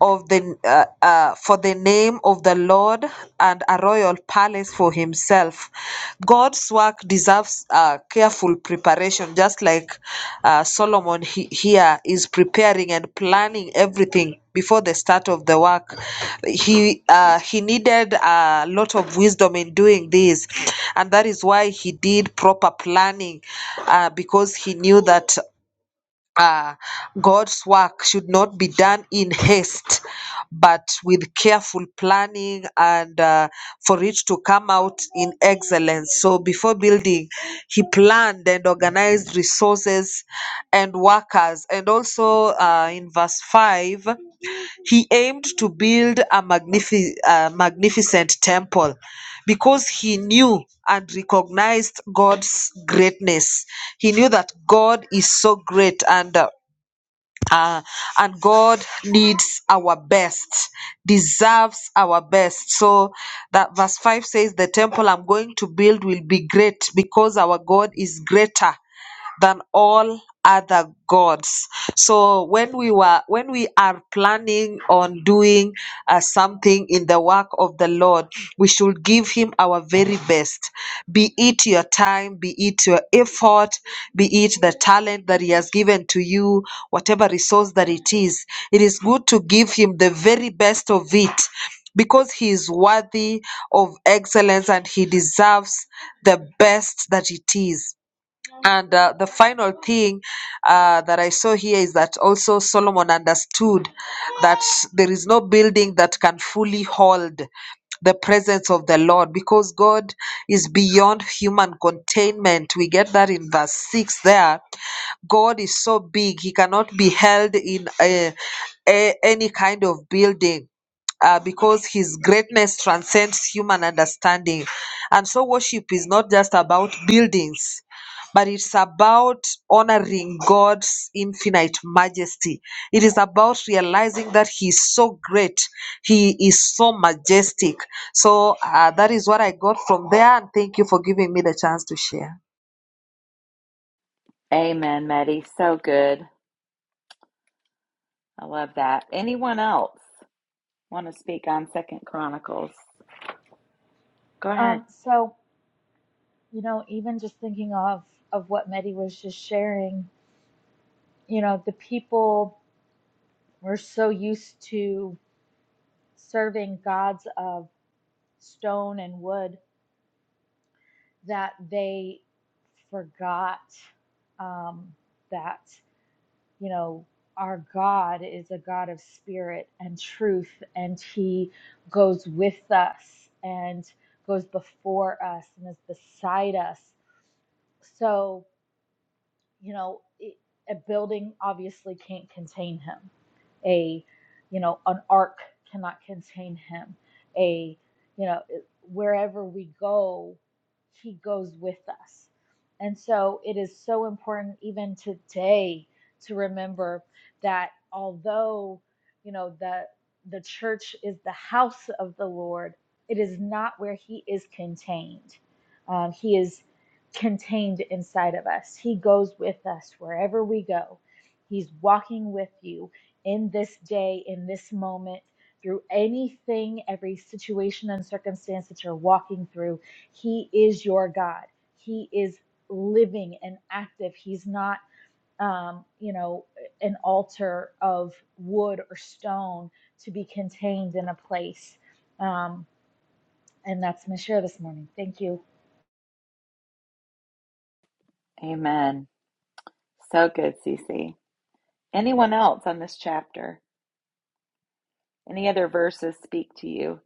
Speaker 7: of the uh, uh, for the name of the Lord and a royal palace for himself. God's work deserves uh, careful preparation, just like uh, Solomon he, here is preparing and planning everything before the start of the work. He uh, he needed a lot of wisdom in doing this, and that is why he did proper planning, uh, because he knew that uh, God's work should not be done in haste, but with careful planning and uh, for it to come out in excellence. So before building, he planned and organized resources and workers. And also uh, in verse 5, he aimed to build a magnifi- a magnificent temple because he knew and recognized God's greatness. He knew that God is so great and uh, uh, and God needs our best, deserves our best. So that verse 5 says, The temple I'm going to build will be great because our God is greater than all other gods. So when we were when we are planning on doing uh, something in the work of the Lord, we should give him our very best. Be it your time, be it your effort, be it the talent that he has given to you, whatever resource that it is. It is good to give him the very best of it because he is worthy of excellence and he deserves the best that it is. And uh, the final thing uh, that I saw here is that also Solomon understood that there is no building that can fully hold the presence of the Lord because God is beyond human containment. We get that in verse 6 there God is so big, he cannot be held in a, a, any kind of building. Uh, because his greatness transcends human understanding. And so, worship is not just about buildings, but it's about honoring God's infinite majesty. It is about realizing that He is so great, He is so majestic. So, uh, that is what I got from there. And thank you for giving me the chance to share.
Speaker 1: Amen, Meddy. So good. I love that. Anyone else? want to speak on Second Chronicles. Go ahead.
Speaker 2: um so you know, even just thinking of of what Mehdi was just sharing, you know, the people were so used to serving gods of stone and wood that they forgot um, that you know our God is a God of spirit and truth, and He goes with us and goes before us and is beside us. So you know it, a building obviously can't contain him a you know an ark cannot contain him a you know wherever we go he goes with us and so it is so important even today to remember that although you know the the church is the house of the lord it is not where he is contained Um, he is contained inside of us. He goes with us wherever we go. He's walking with you in this day, in this moment, through anything, every situation and circumstance that you're walking through. He is your God. He is living and active. He's not, um, you know, an altar of wood or stone to be contained in a place. Um, and that's my share this morning. Thank you.
Speaker 1: Amen. So good, Cece. Anyone else on this chapter? Any other verses speak to you?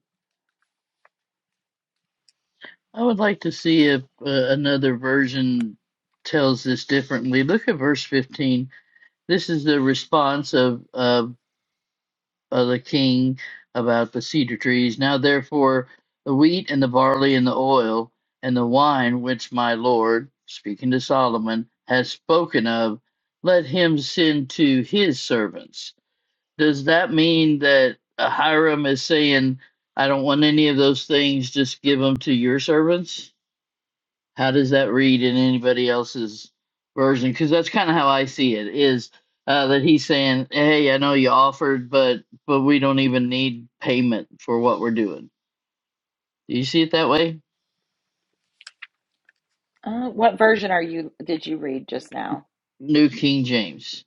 Speaker 4: I would like to see if uh, another version tells this differently. Look at verse 15. This is the response of, of, of the king about the cedar trees. Now, therefore, the wheat and the barley and the oil and the wine which my Lord, speaking to Solomon, has spoken of, let him send to his servants. Does that mean that Hiram is saying, I don't want any of those things, just give them to your servants? How does that read in anybody else's version? Because that's kind of how I see it is uh, that he's saying, "Hey, I know you offered, but but we don't even need payment for what we're doing." Do you see it that way?
Speaker 1: Uh, what version are you? Did you read just now?
Speaker 4: New King James,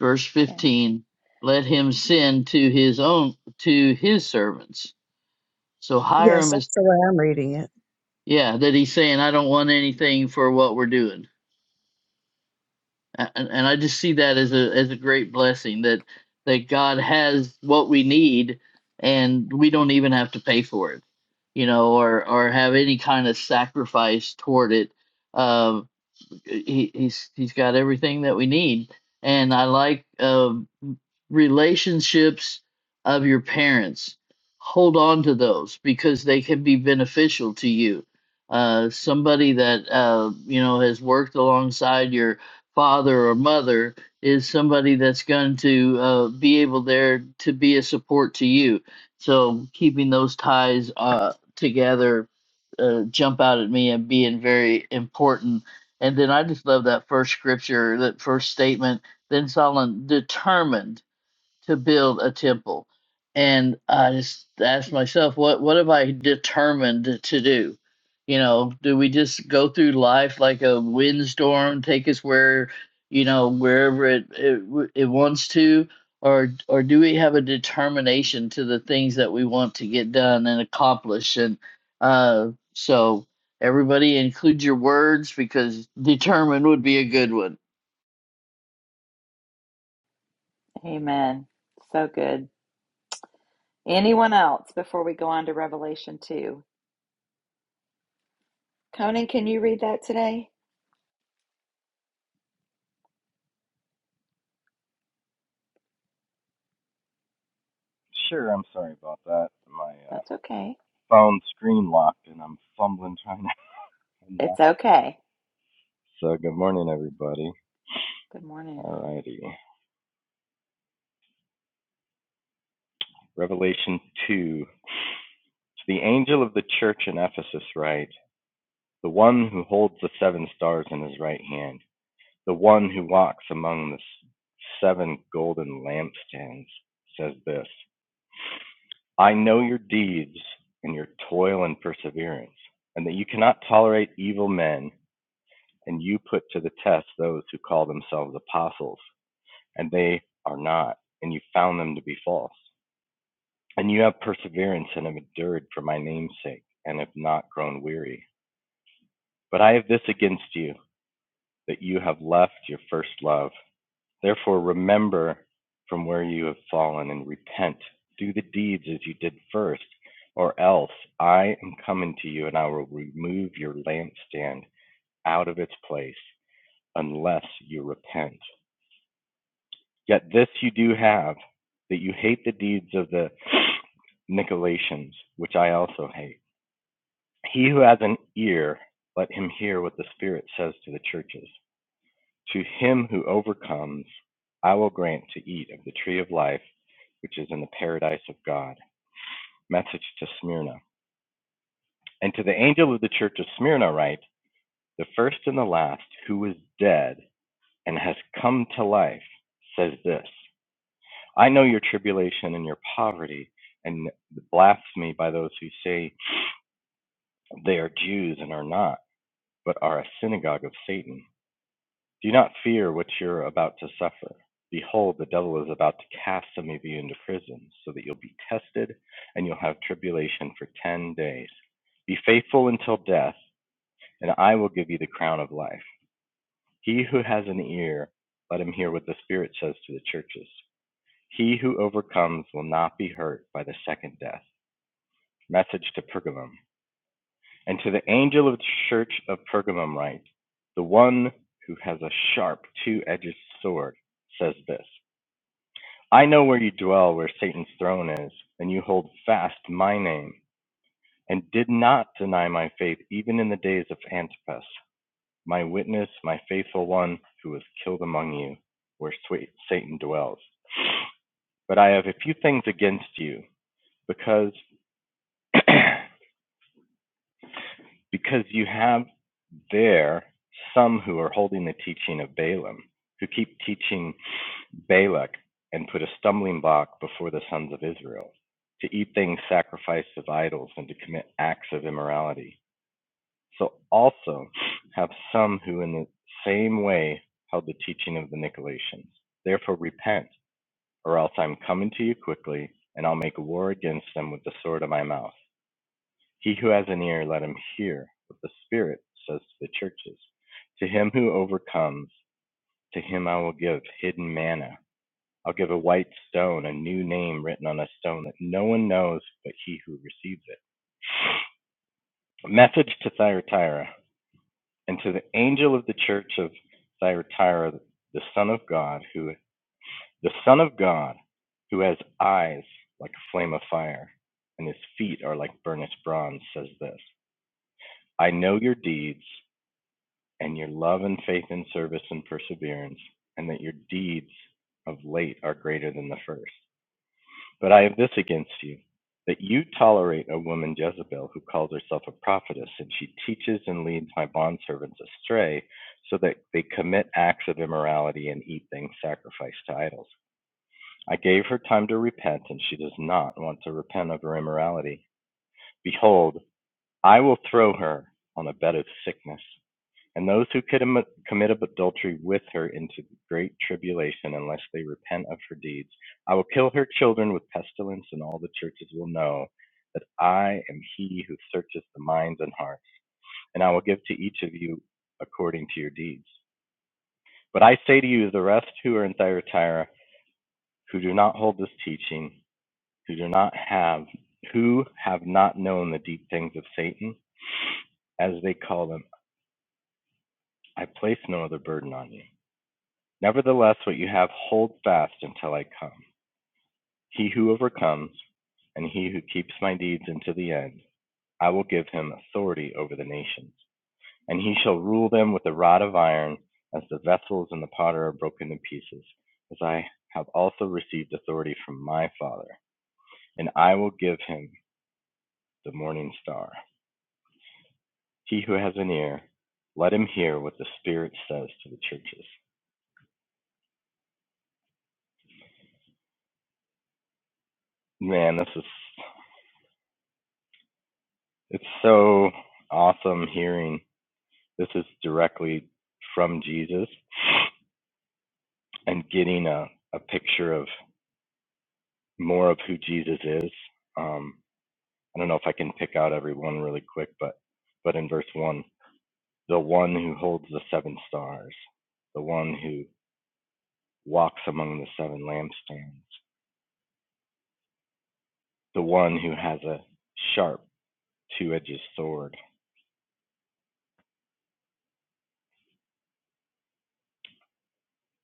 Speaker 4: verse
Speaker 1: Okay.
Speaker 4: fifteen: Let him send to his own to his servants. So
Speaker 6: Yes,
Speaker 4: Hiram is
Speaker 6: that's the way I'm reading it.
Speaker 4: yeah that he's saying, "I don't want anything for what we're doing." A- and, and I just see that as a as a great blessing that that God has what we need and we don't even have to pay for it, you know, or or have any kind of sacrifice toward it. Um, he, he's he's got everything that we need, and I like. Um, relationships of your parents. Hold on to those because they can be beneficial to you. Uh, somebody that uh, you know has worked alongside your father or mother is somebody that's going to uh, be able there to be a support to you. So keeping those ties uh, together uh, jump out at me and being very important. And then I just love that first scripture, that first statement. Then Solomon determined to build a temple. And I just asked myself, what what have I determined to do? You know, do we just go through life like a windstorm, take us where, you know, wherever it it, it wants to, or or do we have a determination to the things that we want to get done and accomplish? And uh, so everybody include your words because determined would be a good one.
Speaker 1: Amen. So good. Anyone else before we go on to Revelation two? Conan, can you read that today?
Speaker 8: Sure, I'm sorry about that. My uh,
Speaker 1: That's okay.
Speaker 8: phone screen locked and I'm fumbling trying to
Speaker 1: It's
Speaker 8: unlock it.
Speaker 1: okay.
Speaker 8: So, good morning, everybody.
Speaker 1: Good morning.
Speaker 8: Alrighty. Revelation 2. To the angel of the church in Ephesus, write The one who holds the seven stars in his right hand, the one who walks among the s- seven golden lampstands, says this I know your deeds and your toil and perseverance, and that you cannot tolerate evil men and you put to the test those who call themselves apostles, and they are not, and you found them to be false. And you have perseverance and have endured for my name's sake, and have not grown weary. But I have this against you, that you have left your first love. Therefore, remember from where you have fallen and repent. Do the deeds as you did first, or else I am coming to you, and I will remove your lampstand out of its place, unless you repent. Yet this you do have, that you hate the deeds of the Nicolaitans, which I also hate. He who has an ear, let him hear what the Spirit says to the churches. To him who overcomes, I will grant to eat of the tree of life, which is in the paradise of God. Message to Smyrna. And to the angel of the church of Smyrna write, The first and the last, who was dead and has come to life, says this I know your tribulation and your poverty, and the blasphemy by those who say they are Jews and are not, but are a synagogue of Satan. Do not fear what you're about to suffer. Behold, the devil is about to cast some of you into prison, so that you'll be tested, and you'll have tribulation for ten days. Be faithful until death, and I will give you the crown of life. He who has an ear, let him hear what the Spirit says to the churches. He who overcomes will not be hurt by the second death. message to Pergamum. And to the angel of the church of Pergamum write, The one who has a sharp, two edged sword says this I know where you dwell, where Satan's throne is, and you hold fast my name, and did not deny my faith even in the days of Antipas, my witness, my faithful one who was killed among you, where sweet Satan dwells. But I have a few things against you, because Because you have there some who are holding the teaching of Balaam, who keep teaching Balak and put a stumbling block before the sons of Israel, to eat things sacrificed of idols and to commit acts of immorality. So also have some who in the same way held the teaching of the Nicolaitans. Therefore repent, or else I'm coming to you quickly, and I'll make war against them with the sword of my mouth. He who has an ear, let him hear what the Spirit says to the churches. To him who overcomes, to him I will give hidden manna. I'll give a white stone, a new name written on a stone that no one knows but he who receives it. A Message to Thyatira and to the angel of the church of Thyatira, the Son of God, who the Son of God, who has eyes like a flame of fire, and his feet are like burnished bronze, says this: I know your deeds. and your love and faith in service and perseverance, and that your deeds of late are greater than the first. But I have this against you, that you tolerate a woman Jezebel who calls herself a prophetess, and she teaches and leads my bondservants astray, so that they commit acts of immorality and eat things sacrificed to idols. I gave her time to repent, and she does not want to repent of her immorality. Behold, I will throw her on a bed of sickness and those who commit adultery with her into great tribulation, unless they repent of her deeds. I will kill her children with pestilence, and all the churches will know that I am he who searches the minds and hearts, and I will give to each of you according to your deeds. But I say to you, the rest who are in Thyatira, who do not hold this teaching, who do not have, who have not known the deep things of Satan, as they call them, I place no other burden on you Nevertheless what you have hold fast until I come. He who overcomes, and he who keeps my deeds unto the end, I will give him authority over the nations, and he shall rule them with a rod of iron, as the vessels and the potter are broken to pieces, as I have also received authority from my Father, and I will give him the morning star. He who has an ear, let him hear what the Spirit says to the churches. Man, this is it's so awesome hearing This is directly from Jesus and getting a, a picture of more of who Jesus is. Um, I don't know if I can pick out every one really quick, but but in verse one, the one who holds the seven stars, the one who walks among the seven lampstands, the one who has a sharp two-edged sword.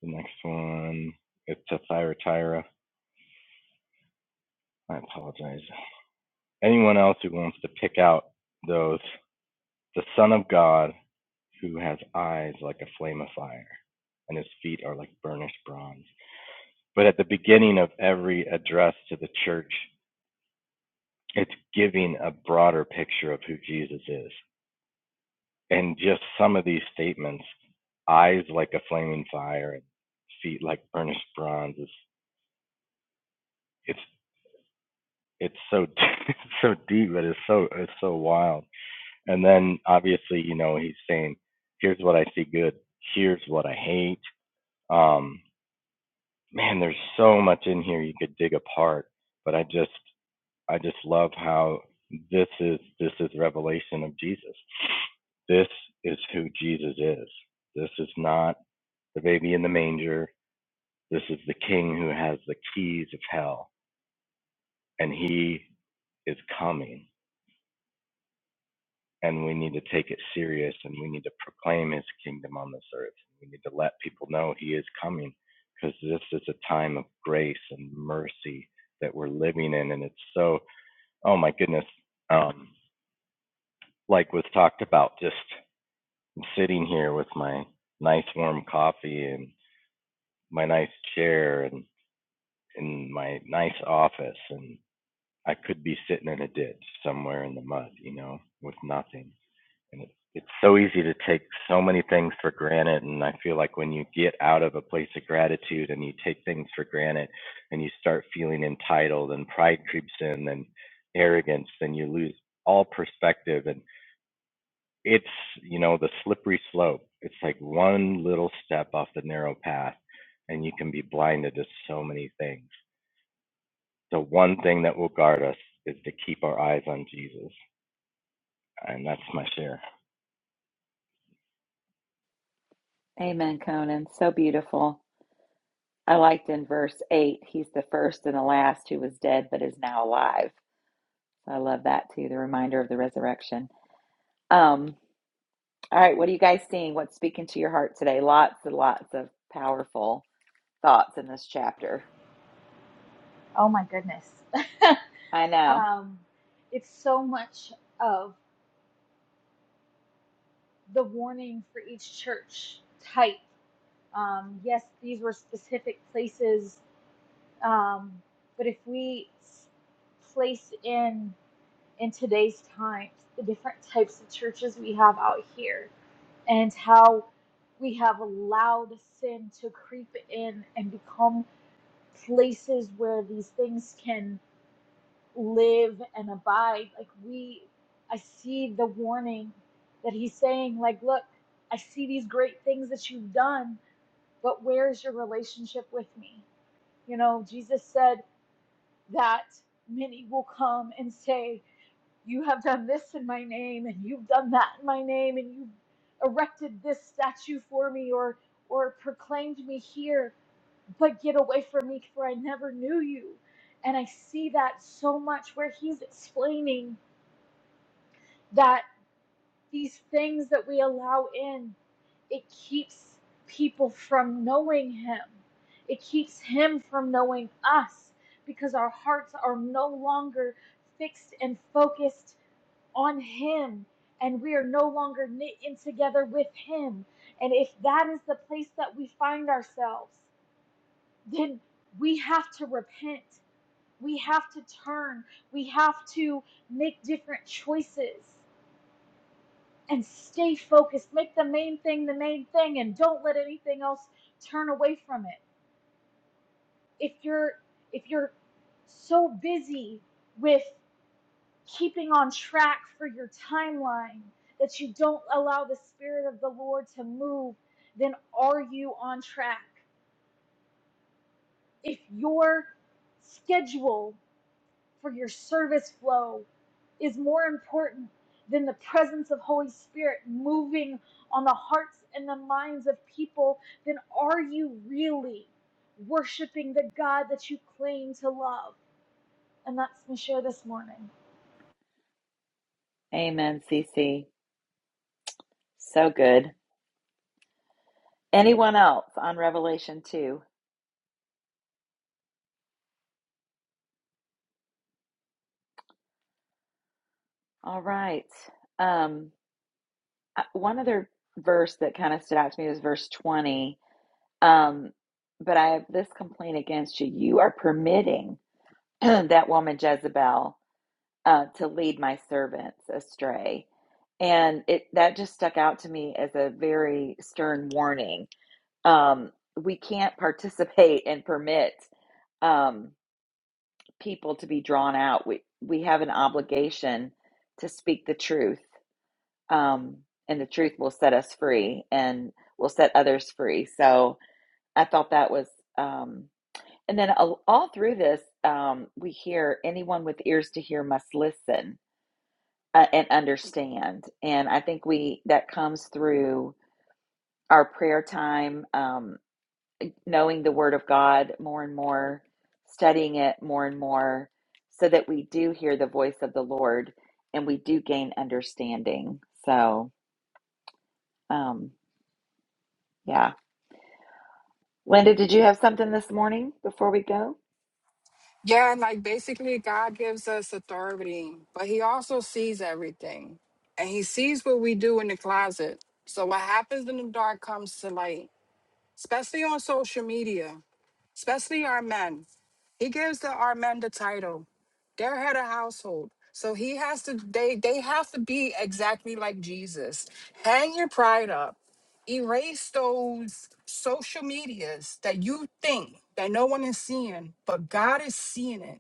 Speaker 8: The next one, it's a Thyatira. I apologize. Anyone else who wants to pick out those, the Son of God who has eyes like a flame of fire, and his feet are like burnished bronze. But at the beginning of every address to the church, it's giving a broader picture of who Jesus is. And just some of these statements, eyes like a flaming fire and feet like burnished bronze, is it's it's so it's so deep, but it's so it's so wild. And then obviously, you know, he's saying, "Here's what I see good. Here's what I hate." Um, man, there's so much in here you could dig apart. But I just I just love how this is this is revelation of Jesus. This is who Jesus is. This is not the baby in the manger. This is the king who has the keys of hell and he is coming. and we need to take it serious and we need to proclaim his kingdom on this earth. We need to let people know he is coming because this is a time of grace and mercy that we're living in. And it's so, oh my goodness, um, like was talked about, just sitting here with my nice warm coffee and my nice chair and in my nice office and I could be sitting in a ditch somewhere in the mud, you know, with nothing. and it's it's so easy to take so many things for granted and i feel like when you get out of a place of gratitude and you take things for granted and you start feeling entitled and pride creeps in and arrogance then you lose all perspective and it's you know the slippery slope it's like one little step off the narrow path and you can be blinded to so many things the one thing that will guard us is to keep our eyes on jesus and that's my share
Speaker 1: Amen, Conan. So beautiful. I liked in verse 8, he's the first and the last who was dead but is now alive. I love that too, the reminder of the resurrection. Um, all right, what are you guys seeing? What's speaking to your heart today? Lots and lots of powerful thoughts in this chapter.
Speaker 2: Oh my goodness.
Speaker 1: I know.
Speaker 2: Um, it's so much of the warning for each church type. Um, yes, these were specific places, um, but if we s- place in in today's times the different types of churches we have out here and how we have allowed sin to creep in and become places where these things can live and abide. Like we, I see the warning that he's saying, like, look, I see these great things that you've done, but where's your relationship with me? You know, Jesus said that many will come and say, you have done this in my name, and you've done that in my name, and you've erected this statue for me, or or proclaimed me here, but get away from me, for I never knew you. And I see that so much where he's explaining that these things that we allow in, it keeps people from knowing Him. It keeps Him from knowing us because our hearts are no longer fixed and focused on Him and we are no longer knit in together with Him. And if that is the place that we find ourselves, then we have to repent. We have to turn. We have to make different choices and stay focused. Make the main thing the main thing and don't let anything else turn away from it. If you're if you're so busy with keeping on track for your timeline that you don't allow the spirit of the Lord to move, then are you on track? If your schedule for your service flow is more important than the presence of Holy Spirit moving on the hearts and the minds of people, then are you really worshiping the God that you claim to love? And that's my share this morning.
Speaker 1: Amen, CC. So good. Anyone else on Revelation 2? All right. Um, uh, one other verse that kind of stood out to me was verse 20. Um, but I have this complaint against you. You are permitting that woman Jezebel uh, to lead my servants astray and it that just stuck out to me as a very stern warning um, we can't participate and permit um, people to be drawn out we we have an obligation to speak the truth um, and the truth will set us free and will set others free so i thought that was um, and then all, all through this um, we hear anyone with ears to hear must listen uh, and understand and i think we that comes through our prayer time, um, knowing the Word of God more and more, studying it more and more, so that we do hear the voice of the Lord and we do gain understanding. So, um, yeah. Linda, did you have something this morning before we go?
Speaker 9: Yeah, and like basically, God gives us authority, but He also sees everything. And He sees what we do in the closet. So, what happens in the dark comes to light, especially on social media, especially our men. He gives the, our men the title, they're head of household. So he has to they they have to be exactly like Jesus. Hang your pride up. Erase those social medias that you think that no one is seeing, but God is seeing it.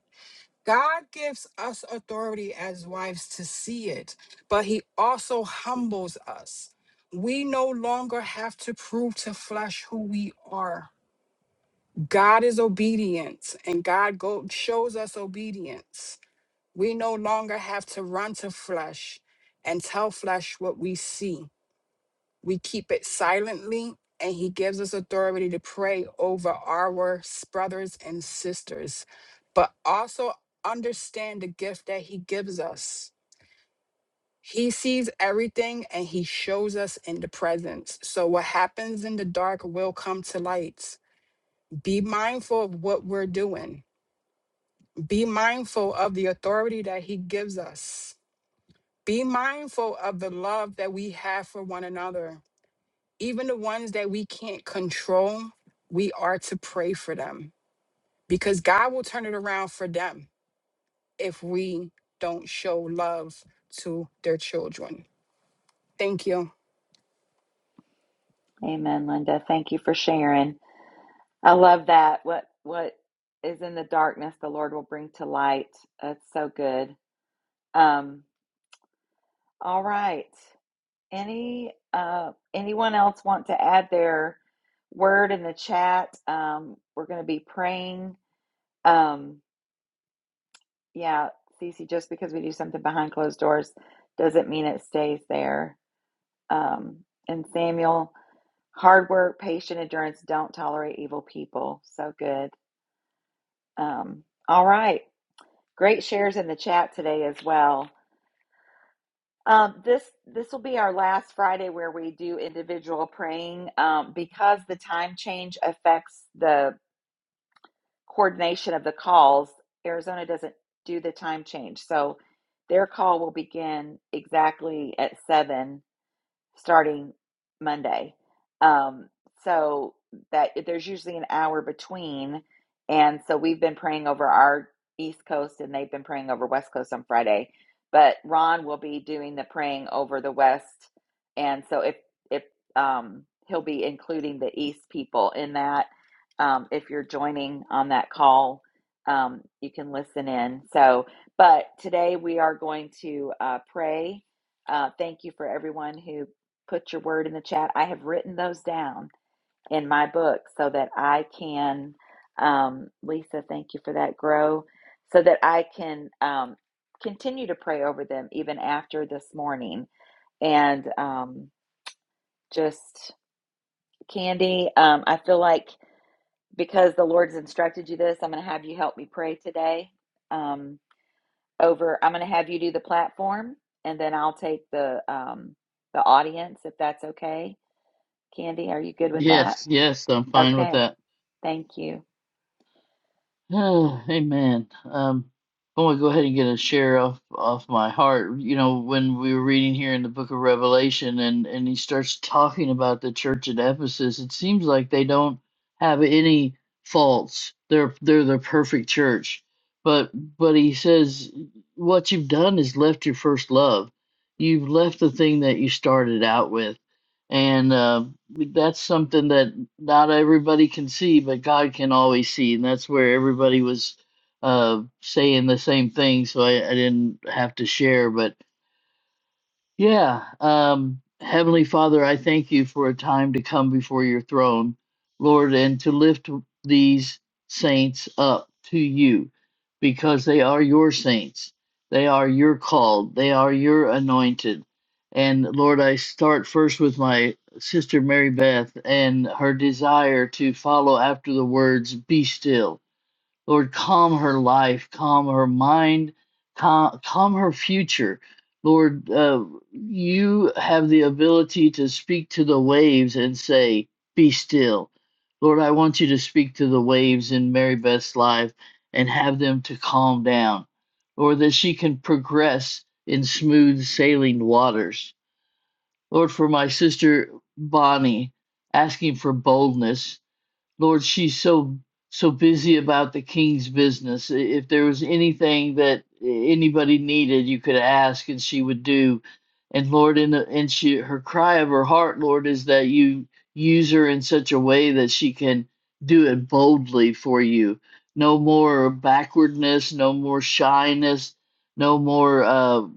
Speaker 9: God gives us authority as wives to see it, but he also humbles us. We no longer have to prove to flesh who we are. God is obedience, and God go- shows us obedience. We no longer have to run to flesh and tell flesh what we see we keep it silently and he gives us authority to pray over our s- brothers and sisters but also understand the gift that he gives us he sees everything and he shows us in the presence so what happens in the dark will come to light be mindful of what we're doing be mindful of the authority that he gives us be mindful of the love that we have for one another even the ones that we can't control, we are to pray for them because God will turn it around for them if we don't show love to their children. Thank you.
Speaker 1: Amen, Linda. Thank you for sharing. I love that. What what is in the darkness, the Lord will bring to light. That's so good. Um, all right. Any uh, anyone else want to add their word in the chat? Um, we're going to be praying. Um, yeah, Cece, just because we do something behind closed doors doesn't mean it stays there. Um, and Samuel, hard work, patient endurance, don't tolerate evil people. So good. Um, all right. Great shares in the chat today as well. Um, this this will be our last Friday where we do individual praying um, because the time change affects the coordination of the calls. Arizona doesn't do the time change, so their call will begin exactly at seven starting Monday. Um, so that there's usually an hour between. And so we've been praying over our East Coast and they've been praying over West Coast on Friday. But Ron will be doing the praying over the West. And so if, if, um, he'll be including the East people in that. Um, if you're joining on that call, um, you can listen in. So, but today we are going to uh, pray. Uh, thank you for everyone who put your word in the chat. I have written those down in my book so that I can, um, Lisa, thank you for that, grow, so that I can um, continue to pray over them even after this morning. And um, just, Candy, um, I feel like because the Lord's instructed you this, I'm going to have you help me pray today. Um, over, I'm going to have you do the platform, and then I'll take the um, the audience if that's okay. Candy, are you good with that?
Speaker 4: Yes, yes, I'm fine with
Speaker 1: Okay,
Speaker 4: that.
Speaker 1: thank you.
Speaker 4: Oh, Amen. Um, i want to go ahead and get a share off off my heart. You know, when we were reading here in the book of Revelation, and and he starts talking about the church at Ephesus, it seems like they don't have any faults. They're they're the perfect church. But but he says what you've done is left your first love. You've left the thing that you started out with, and. uh, that's something that not everybody can see, but God can always see, and that's where everybody was uh, saying the same thing. So I, I didn't have to share, but yeah. Um, Heavenly Father, I thank you for a time to come before your throne, Lord, and to lift these saints up to you because they are your saints. They are your called. They are your anointed. And Lord, I start first with my sister Mary Beth and her desire to follow after the words, be still Lord, calm her life, calm her mind, calm, calm her future. Lord, uh, you have the ability to speak to the waves and say, Be still. Lord, I want you to speak to the waves in Mary Beth's life and have them to calm down, Lord, that she can progress in smooth sailing waters. Lord, for my sister Bonnie, asking for boldness Lord, she's so so busy about the king's business. I- If there was anything that anybody needed, you could ask, and she would do. And Lord, in the, and she her cry of her heart, Lord, is that you use her in such a way that she can do it boldly for you. No more backwardness, no more shyness, no more uh,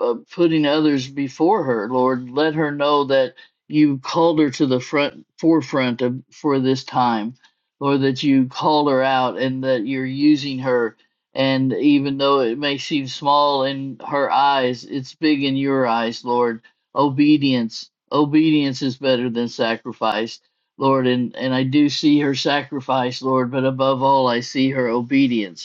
Speaker 4: uh, putting others before her. Lord, let her know that you called her to the front forefront of, for this time, Lord, that you called her out and that you're using her. And even though it may seem small in her eyes, it's big in your eyes, Lord. Obedience, obedience is better than sacrifice, Lord. And and I do see her sacrifice, Lord, but above all, I see her obedience.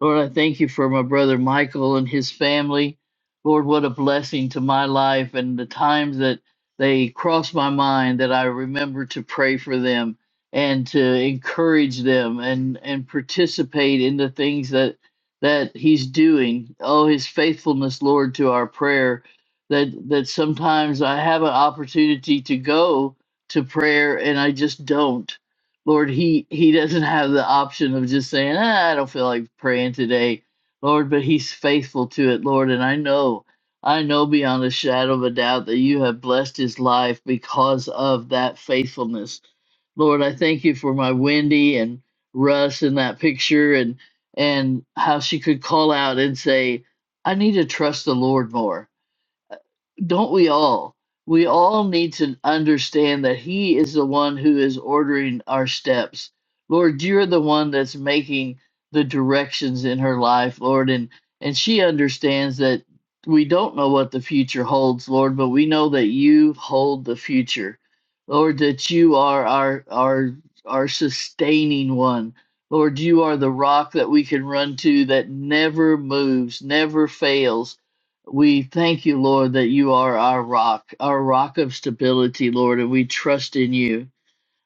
Speaker 4: Lord, I thank you for my brother Michael and his family. Lord, what a blessing to my life and the times that they cross my mind that I remember to pray for them and to encourage them and and participate in the things that that he's doing. Oh, his faithfulness, Lord, to our prayer that that sometimes I have an opportunity to go to prayer and I just don't. Lord, he he doesn't have the option of just saying, ah, I don't feel like praying today, Lord, but he's faithful to it, Lord, and I know, I know beyond a shadow of a doubt that you have blessed his life because of that faithfulness. Lord, I thank you for my Wendy and Russ in that picture and and how she could call out and say, I need to trust the Lord more. Don't we all? We all need to understand that He is the one who is ordering our steps. Lord, you're the one that's making the directions in her life, Lord, and and she understands that we don't know what the future holds, Lord, but we know that you hold the future. Lord, that you are our our our sustaining one. Lord, you are the rock that we can run to that never moves, never fails. We thank you, Lord, that you are our rock, our rock of stability, Lord, and we trust in you.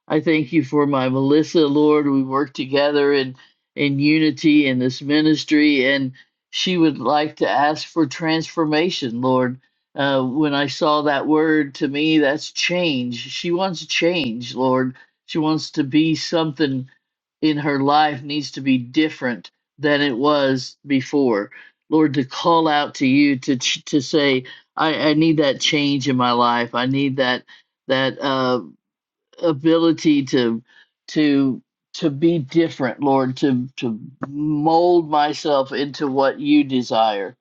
Speaker 4: I thank you for my Melissa, Lord. We work together in in unity in this ministry, and she would like to ask for transformation, Lord. Uh, when I saw that word, to me, that's change. She wants change, Lord. She wants to be something in her life needs to be different than it was before. Lord, to call out to you to to say, I, I need that change in my life. I need that that uh, ability to to to be different, Lord, to to mold myself into what you desire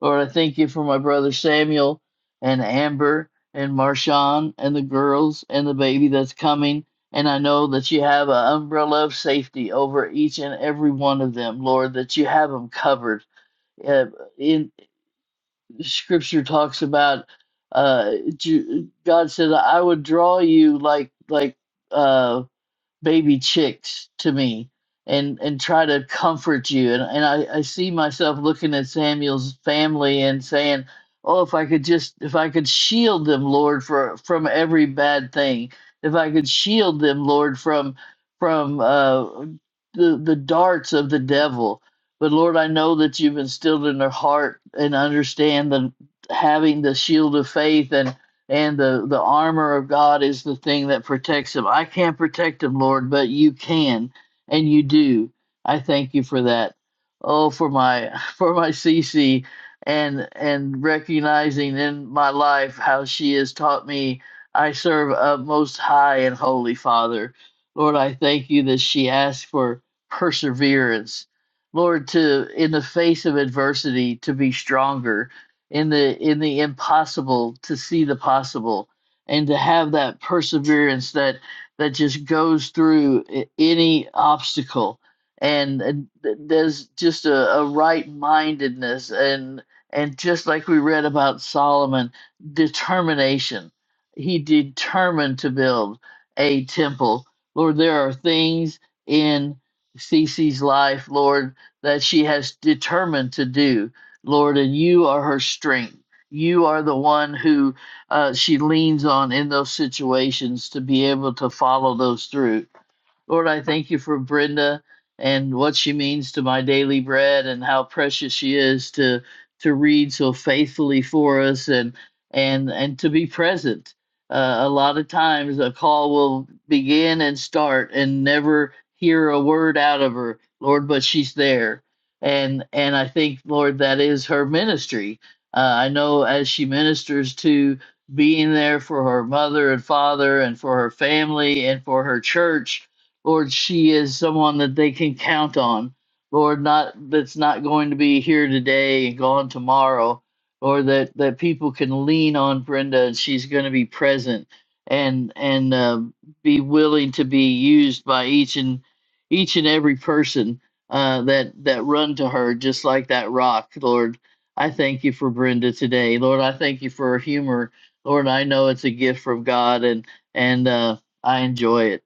Speaker 4: Lord, I thank you for my brother Samuel and Amber and Marshawn and the girls and the baby that's coming. And I know that you have an umbrella of safety over each and every one of them, Lord, that you have them covered. Uh, in Scripture talks about uh, Ju- God said, "I would draw you like like." uh, baby chicks to me and and try to comfort you and and I, I see myself looking at Samuel's family and saying oh if I could just if I could shield them Lord for from every bad thing if I could shield them Lord from from uh the the darts of the devil but Lord I know that you've instilled in their heart and understand the having the shield of faith and and the the armor of God is the thing that protects him. I can't protect him, Lord, but you can, and you do. I thank you for that. Oh, for my for my CC and and recognizing in my life how she has taught me I serve a most high and holy Father. Lord, I thank you that she asked for perseverance. Lord, to in the face of adversity to be stronger in the in the impossible to see the possible and to have that perseverance that that just goes through any obstacle and, and th- there's just a, a right mindedness and and just like we read about Solomon determination he determined to build a temple lord there are things in Cece's life lord that she has determined to do Lord, and you are her strength. You are the one who uh, she leans on in those situations to be able to follow those through. Lord, I thank you for Brenda and what she means to my daily bread and how precious she is to to read so faithfully for us and and and to be present. Uh, a lot of times a call will begin and start and never hear a word out of her, Lord, but she's there. And and I think, Lord, that is her ministry. Uh, I know as she ministers to being there for her mother and father and for her family and for her church, Lord, she is someone that they can count on. Lord, not that's not going to be here today and gone tomorrow, or that that people can lean on Brenda and she's going to be present and and uh, be willing to be used by each and each and every person uh, that that run to her, just like that rock, Lord. I thank you for Brenda today, Lord. I thank you for her humor, Lord. I know it's a gift from God, and and uh, I enjoy it.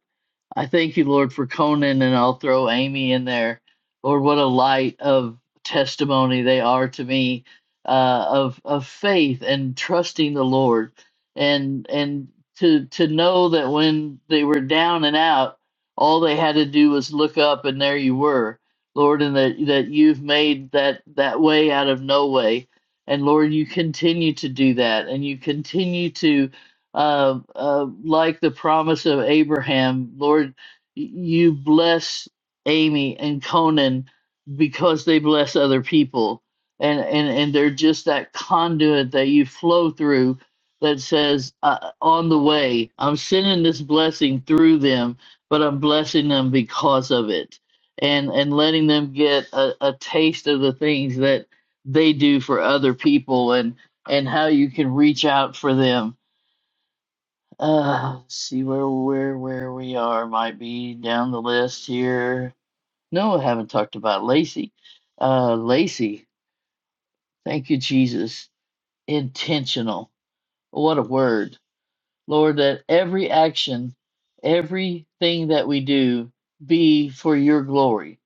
Speaker 4: I thank you, Lord, for Conan, and I'll throw Amy in there. Lord, what a light of testimony they are to me uh, of of faith and trusting the Lord, and and to to know that when they were down and out, all they had to do was look up, and there you were, Lord, and that that you've made that that way out of no way, and Lord, you continue to do that, and you continue to uh, uh, like the promise of Abraham, Lord, you bless Amy and Conan because they bless other people, and and and they're just that conduit that you flow through that says, uh, on the way, I'm sending this blessing through them, but I'm blessing them because of it, and and letting them get a, a taste of the things that they do for other people, and and how you can reach out for them uh, let's see where where where we are might be down the list here. No, I haven't talked about Lacey. Uh, Lacey, thank you, Jesus. Intentional. What a word, Lord. That every action, everything that we do, be for Your glory.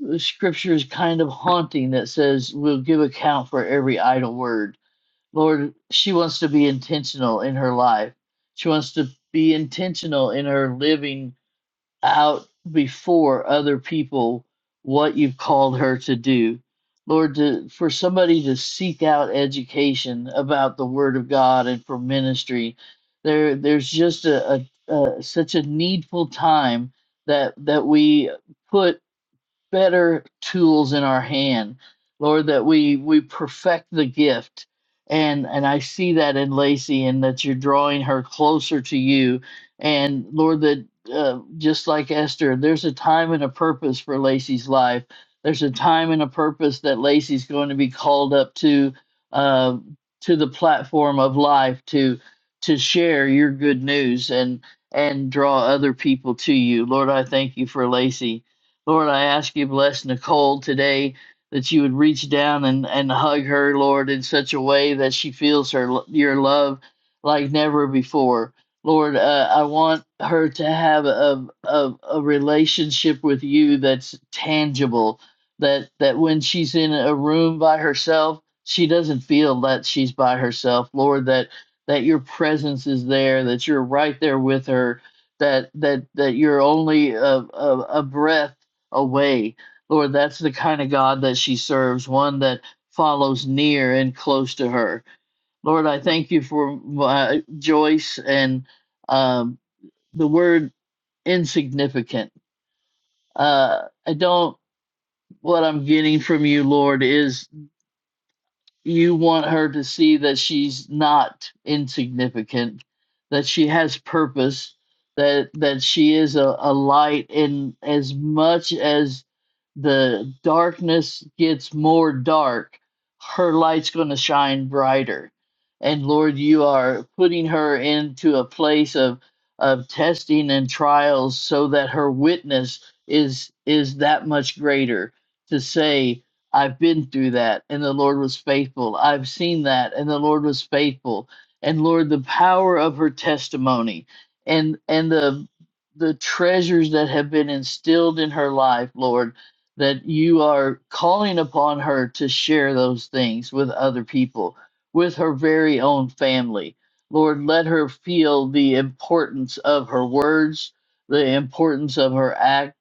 Speaker 4: The scripture is kind of haunting that says we'll give account for every idle word. Lord, she wants to be intentional in her life. She wants to be intentional in her living out before other people what you've called her to do. Lord, to, for somebody to seek out education about the Word of God and for ministry, there there's just a, a, a such a needful time that that we put better tools in our hand lord that we we perfect the gift and and i see that in lacey and that you're drawing her closer to you and lord that uh, just like esther there's a time and a purpose for lacey's life there's a time and a purpose that lacey's going to be called up to uh, to the platform of life to to share your good news and and draw other people to you lord i thank you for lacey Lord, I ask you bless Nicole today that you would reach down and, and hug her, Lord, in such a way that she feels her your love like never before. Lord, uh, I want her to have a, a a relationship with you that's tangible. That that when she's in a room by herself, she doesn't feel that she's by herself. Lord, that that your presence is there, that you're right there with her, that that that you're only a, a, a breath away. Lord, that's the kind of God that she serves, one that follows near and close to her. Lord, I thank you for uh, Joyce and um, the word insignificant. Uh, I don't, what I'm getting from you, Lord, is. you want her to see that she's not insignificant that she has purpose that that she is a, a light and as much as the darkness gets more dark her light's going to shine brighter and lord you are putting her into a place of of testing and trials so that her witness is is that much greater to say I've been through that, and the Lord was faithful. I've seen that, and the Lord was faithful. And Lord, the power of her testimony and and the the treasures that have been instilled in her life, Lord, that you are calling upon her to share those things with other people, with her very own family. Lord, let her feel the importance of her words, the importance of her acts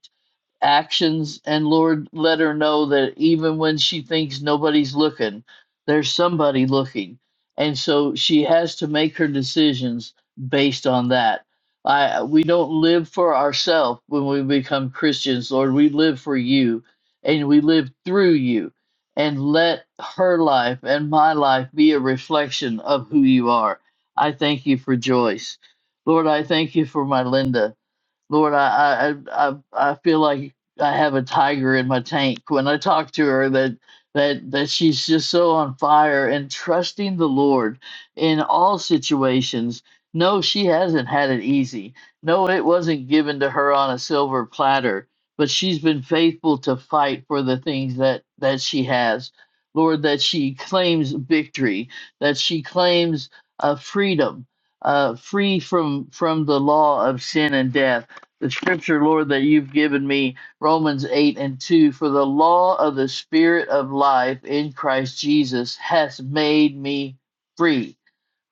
Speaker 4: actions and Lord let her know that even when she thinks nobody's looking, there's somebody looking. And so she has to make her decisions based on that. I we don't live for ourselves when we become Christians, Lord. We live for you and we live through you. And let her life and my life be a reflection of who you are. I thank you for Joyce. Lord, I thank you for my Linda. Lord, I, I I I feel like I have a tiger in my tank when I talk to her. That that that she's just so on fire and trusting the Lord in all situations. No, she hasn't had it easy. No, it wasn't given to her on a silver platter. But she's been faithful to fight for the things that that she has. Lord, that she claims victory, that she claims uh, freedom, uh, free from from the law of sin and death the scripture, Lord, that you've given me, Romans 8 and 2. For the law of the Spirit of life in Christ Jesus has made me free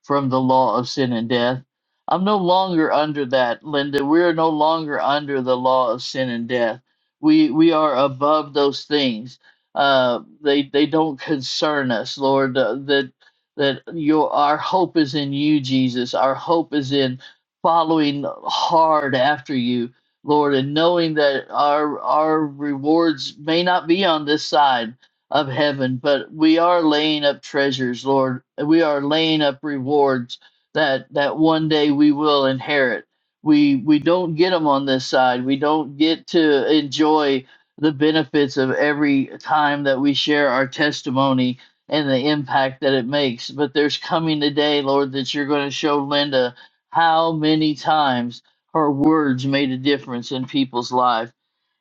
Speaker 4: from the law of sin and death. I'm no longer under that, Linda. We are no longer under the law of sin and death. We we are above those things. Uh, they they don't concern us, Lord. Uh, that that your our hope is in you, Jesus. Our hope is in following hard after you, Lord, and knowing that our our rewards may not be on this side of heaven, but we are laying up treasures, Lord. We are laying up rewards that that one day we will inherit. We we don't get them on this side. We don't get to enjoy the benefits of every time that we share our testimony and the impact that it makes. But there's coming a day, Lord, that you're going to show Linda how many times her words made a difference in people's life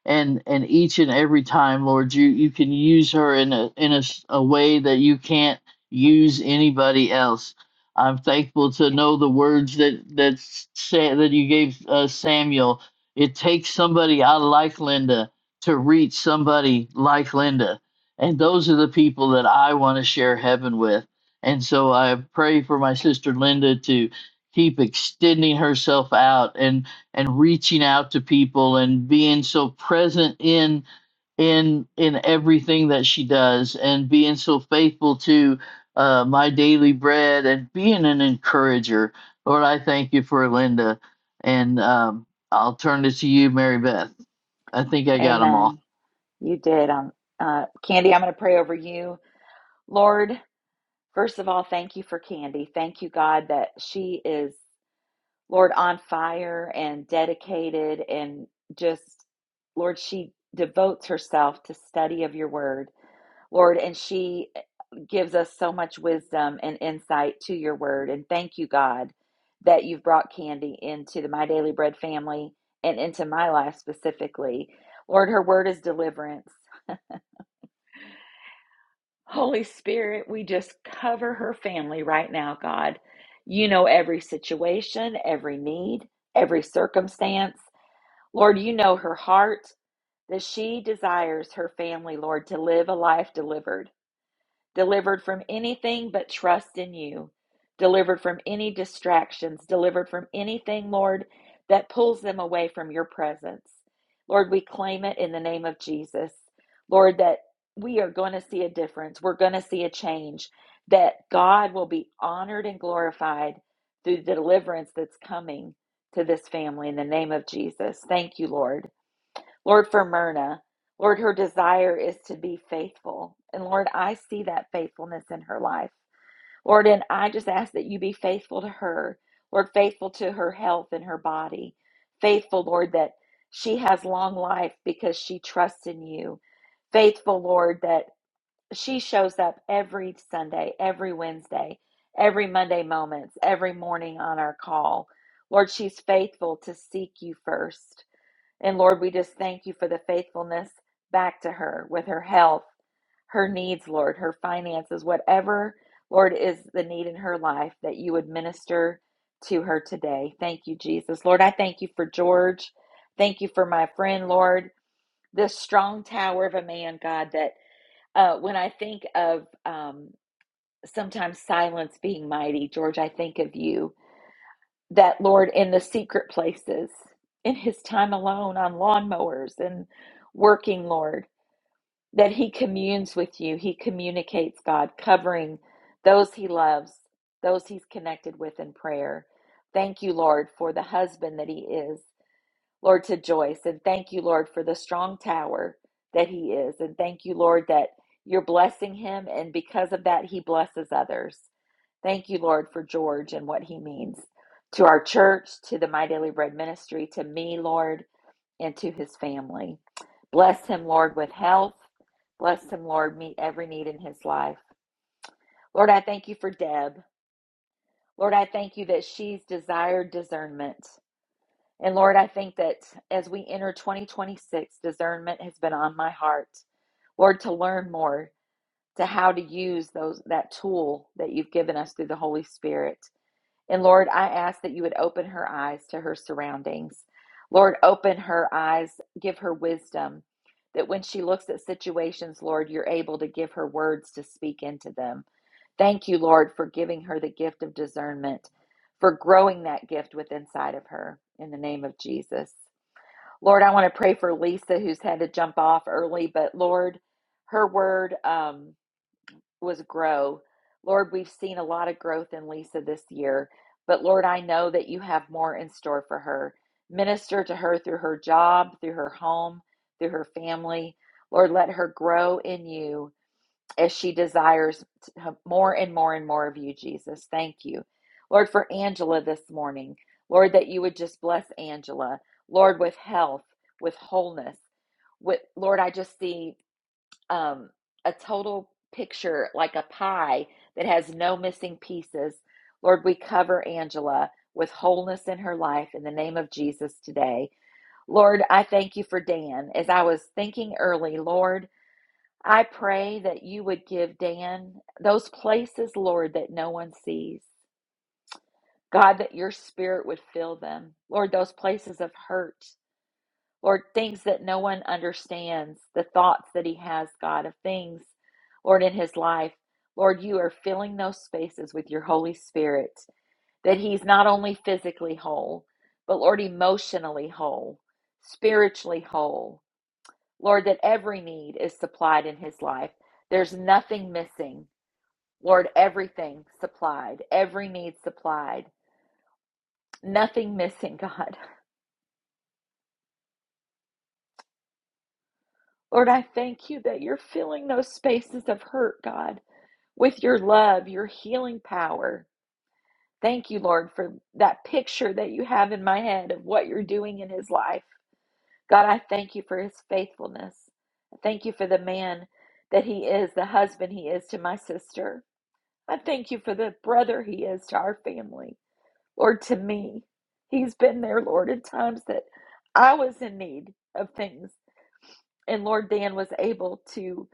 Speaker 4: and and each and every time lord you you can use her in a in a a way that you can't use anybody else i'm thankful to know the words that that say, that you gave uh, samuel it takes somebody i like linda to reach somebody like linda and those are the people that i want to share heaven with and so i pray for my sister linda to keep extending herself out and and reaching out to people and being so present in in in everything that she does and being so faithful to uh, my daily bread and being an encourager. Lord, I thank you for Linda, and um, I'll turn it to you, Mary Beth. I think I got them all.
Speaker 1: Amen. You did. Um, uh, Candy, I'm going to pray over you. Lord, first of all, thank you for Candy. Thank you, God, that she is, Lord, on fire and dedicated and just, Lord, she devotes herself to study of your word. Lord, and she eh, gives us so much wisdom and insight to your word. And thank you, God, that you've brought Candy into the My Daily Bread family and into my life specifically. Lord, her word is deliverance. Holy Spirit, we just cover her family right now, God. You know every situation, every need, every circumstance. Lord, you know her heart that she desires her family, Lord, to live a life delivered. delivered from anything but trust in you, delivered from any distractions, delivered from anything, Lord, that pulls them away from your presence. Lord, we claim it in the name of Jesus. Lord, that we are going to see a difference. We're going to see a change, that God will be honored and glorified through the deliverance that's coming to this family in the name of Jesus. Thank you, Lord. Lord, for Myrna, Lord, her desire is to be faithful. And Lord, I see that faithfulness in her life. Lord, and I just ask that you be faithful to her. Lord, faithful to her health and her body. Faithful, Lord, that she has long life because she trusts in you. Faithful, Lord, that she shows up every Sunday, every Wednesday, every Monday moments, every morning on our call. Lord, she's faithful to seek you first. And Lord, we just thank you for the faithfulness back to her with her health, her needs, Lord, her finances, whatever, Lord, is the need in her life that you would minister to her today. Thank you, Jesus. Lord, I thank you for George. Thank you for my friend, Lord, this strong tower of a man, God, that uh, when I think of um, sometimes silence being mighty, George, I think of you that Lord in the secret places, in his time alone on lawnmowers and working, Lord, that he communes with you. He communicates, God, covering those he loves, those he's connected with in prayer. Thank you, Lord, for the husband that he is, Lord, to Joyce. And thank you, Lord, for the strong tower that he is. And thank you, Lord, that you're blessing him. And because of that, he blesses others. Thank you, Lord, for George and what he means to our church, to the My Daily Bread ministry, to me, Lord, and to his family. Bless him, Lord, with health. Bless him, Lord, meet every need in his life. Lord, I thank you for Deb. Lord, I thank you that she's desired discernment. And Lord, I think that as we enter 2026, discernment has been on my heart. Lord, to learn more to how to use those that tool that you've given us through the Holy Spirit. And Lord, I ask that you would open her eyes to her surroundings. Lord, open her eyes, give her wisdom, that when she looks at situations, Lord, you're able to give her words to speak into them. Thank you, Lord, for giving her the gift of discernment, for growing that gift within inside of her in the name of Jesus. Lord, I want to pray for Lisa, who's had to jump off early, but Lord, her word. Um, was grow. Lord, we've seen a lot of growth in Lisa this year, but Lord, I know that you have more in store for her. Minister to her through her job, through her home, through her family. Lord, let her grow in you as she desires more and more and more of you, Jesus. Thank you. Lord, for Angela this morning, Lord, that you would just bless Angela, Lord, with health, with wholeness. With, Lord, I just see um, a total picture like a pie that has no missing pieces. Lord, we cover Angela with wholeness in her life in the name of Jesus today. Lord, I thank you for Dan. As I was thinking early, Lord, I pray that you would give Dan those places, Lord, that no one sees. God, that your spirit would fill them. Lord, those places of hurt, Lord, things that no one understands, the thoughts that he has, God, of things, Lord, in his life. Lord, you are filling those spaces with your Holy Spirit, that he's not only physically whole, but Lord, emotionally whole, spiritually whole. Lord, that every need is supplied in his life. There's nothing missing. Lord, everything supplied, every need supplied, nothing missing, God. Lord, I thank you that you're filling those spaces of hurt, God with your love, your healing power. Thank you, Lord, for that picture that you have in my head of what you're doing in his life. God, I thank you for his faithfulness. I thank you for the man that he is, the husband he is to my sister. I thank you for the brother he is to our family. Lord, to me, he's been there, Lord, in times that I was in need of things. And Lord, Dan was able to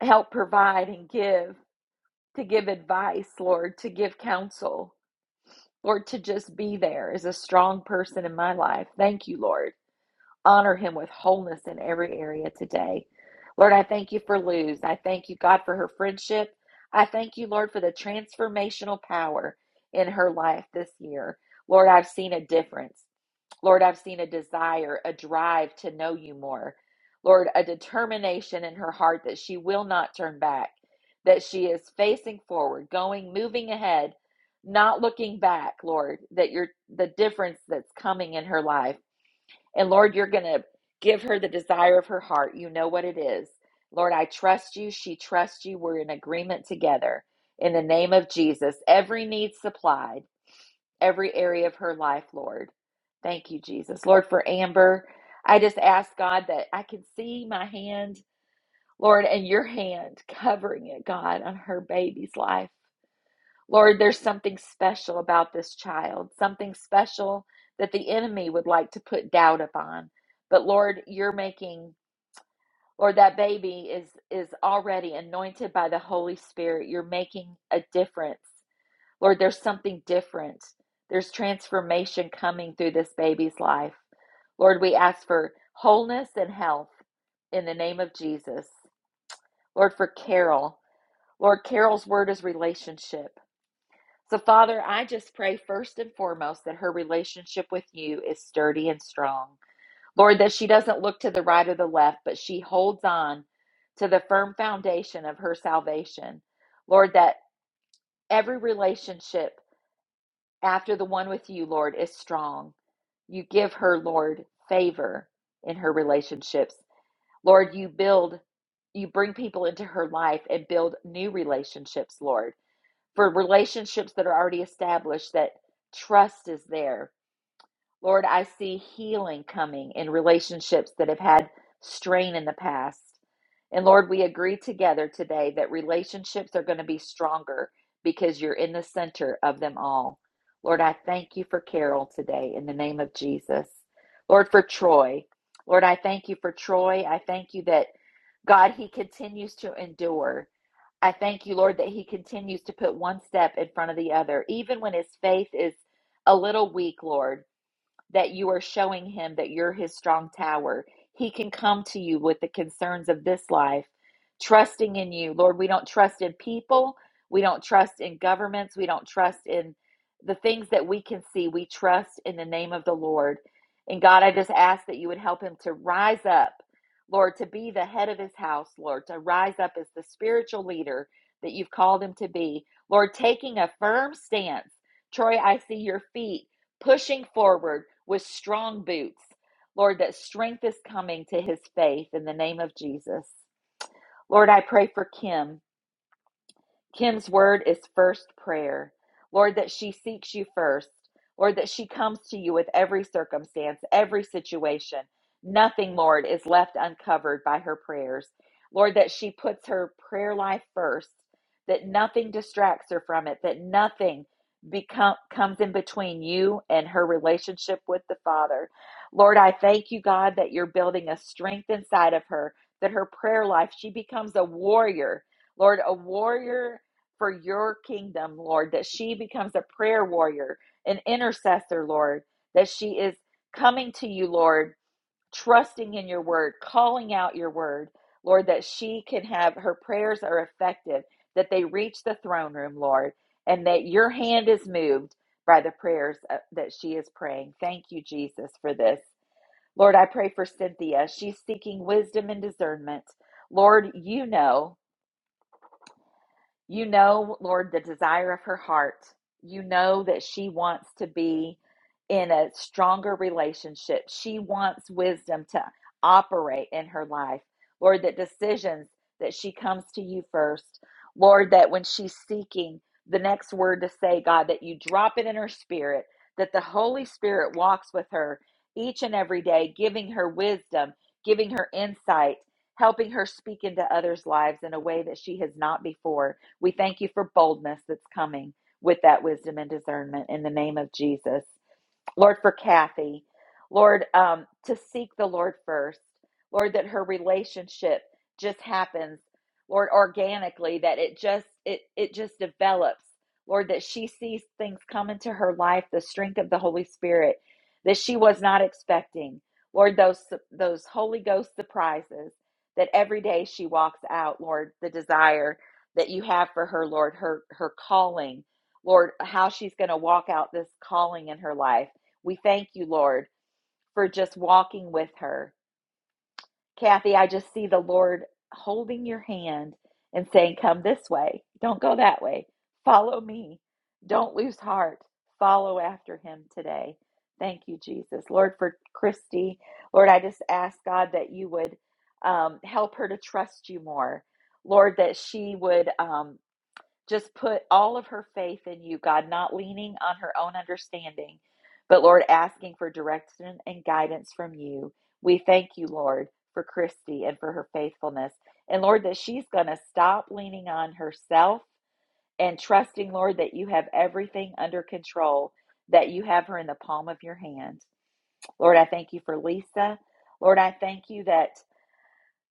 Speaker 1: help provide and give, to give advice, Lord, to give counsel. Lord, to just be there is a strong person in my life. Thank you, Lord. Honor him with wholeness in every area today. Lord, I thank you for Luz. I thank you, God, for her friendship. I thank you, Lord, for the transformational power in her life this year. Lord, I've seen a difference. Lord, I've seen a desire, a drive to know you more. Lord, a determination in her heart that she will not turn back, that she is facing forward, going, moving ahead, not looking back, Lord, that you're the difference that's coming in her life. And Lord, you're going to give her the desire of her heart. You know what it is. Lord, I trust you. She trusts you. We're in agreement together. In the name of Jesus, every need supplied every area of her life, Lord. Thank you, Jesus. Lord, for Amber, I just ask God that I can see my hand, Lord, and your hand covering it, God, on her baby's life. Lord, there's something special about this child, something special that the enemy would like to put doubt upon. But Lord, you're making Lord, that baby is is already anointed by the Holy Spirit. You're making a difference Lord, there's something different. There's transformation coming through this baby's life. Lord, we ask for wholeness and health in the name of Jesus. Lord, for Carol. Lord, Carol's word is relationship. So, Father, I just pray first and foremost that her relationship with you is sturdy and strong. Lord, that she doesn't look to the right or the left, but she holds on to the firm foundation of her salvation. Lord, that every relationship after the one with you, Lord, is strong. You give her, Lord, favor in her relationships. Lord, you build, you bring people into her life and build new relationships, Lord, for relationships that are already established, that trust is there, Lord, I see healing coming in relationships that have had strain in the past. And Lord, we agree together today that relationships are going to be stronger because you're in the center of them all. Lord, I thank you for Carol today in the name of Jesus. Lord, for Troy. Lord, I thank you for Troy. I thank you that, God, he continues to endure. I thank you, Lord, that he continues to put one step in front of the other, even when his faith is a little weak, Lord that you are showing him that you're his strong tower. He can come to you with the concerns of this life, trusting in you. Lord, we don't trust in people, we don't trust in governments, we don't trust in the things that we can see. We trust in the name of the Lord. And God, I just ask that you would help him to rise up, Lord, to be the head of his house, Lord, to rise up as the spiritual leader that you've called him to be. Lord, taking a firm stance. Troy, I see your feet pushing forward with strong boots. Lord, that strength is coming to his faith in the name of Jesus. Lord, I pray for Kim Kim's word is first prayer. Lord, that she seeks you first. Lord, that she comes to you with every circumstance, every situation. Nothing, Lord, is left uncovered by her prayers. Lord, that she puts her prayer life first, that nothing distracts her from it, that nothing become, comes in between you and her relationship with the Father. Lord, I thank you, God, that you're building a strength inside of her, that her prayer life, she becomes a warrior. Lord, a warrior for your kingdom, Lord, that she becomes a prayer warrior, an intercessor, Lord, that she is coming to you, Lord, trusting in your word, calling out your word, Lord, that she can have her prayers are effective, that they reach the throne room, Lord, and that your hand is moved by the prayers uh, that she is praying. Thank you, Jesus, for this. Lord, I pray for Cynthia. She's seeking wisdom and discernment. Lord, you know you know, Lord, the desire of her heart. You know that she wants to be in a stronger relationship. She wants wisdom to operate in her life. Lord, that decisions that she comes to you first. Lord, that when she's seeking the next word to say, God, that you drop it in her spirit, that the Holy Spirit walks with her each and every day, giving her wisdom, giving her insight, helping her speak into others' lives in a way that she has not before. We thank you for boldness that's coming with that wisdom and discernment in the name of Jesus. Lord, for Kathy. Lord, um, to seek the Lord first. Lord, that her relationship just happens, Lord, organically, that it just it it just develops. Lord, that she sees things come into her life, the strength of the Holy Spirit that she was not expecting. Lord, those those Holy Ghost surprises that every day she walks out, Lord, the desire that you have for her, Lord, her her calling, Lord, how she's going to walk out this calling in her life. We thank you, Lord, for just walking with her. Kathy, I just see the Lord holding your hand and saying, Come this way. Don't go that way. Follow me. Don't lose heart. Follow after him today. Thank you, Jesus. Lord, for Christy, Lord, I just ask God that you would um, help her to trust you more. Lord, that she would. Um, just put all of her faith in you, God, not leaning on her own understanding, but Lord, asking for direction and guidance from you. We thank you, Lord, for Christy and for her faithfulness. And Lord, that she's going to stop leaning on herself and trusting, Lord, that you have everything under control, that you have her in the palm of your hand. Lord, I thank you for Lisa. Lord, I thank you that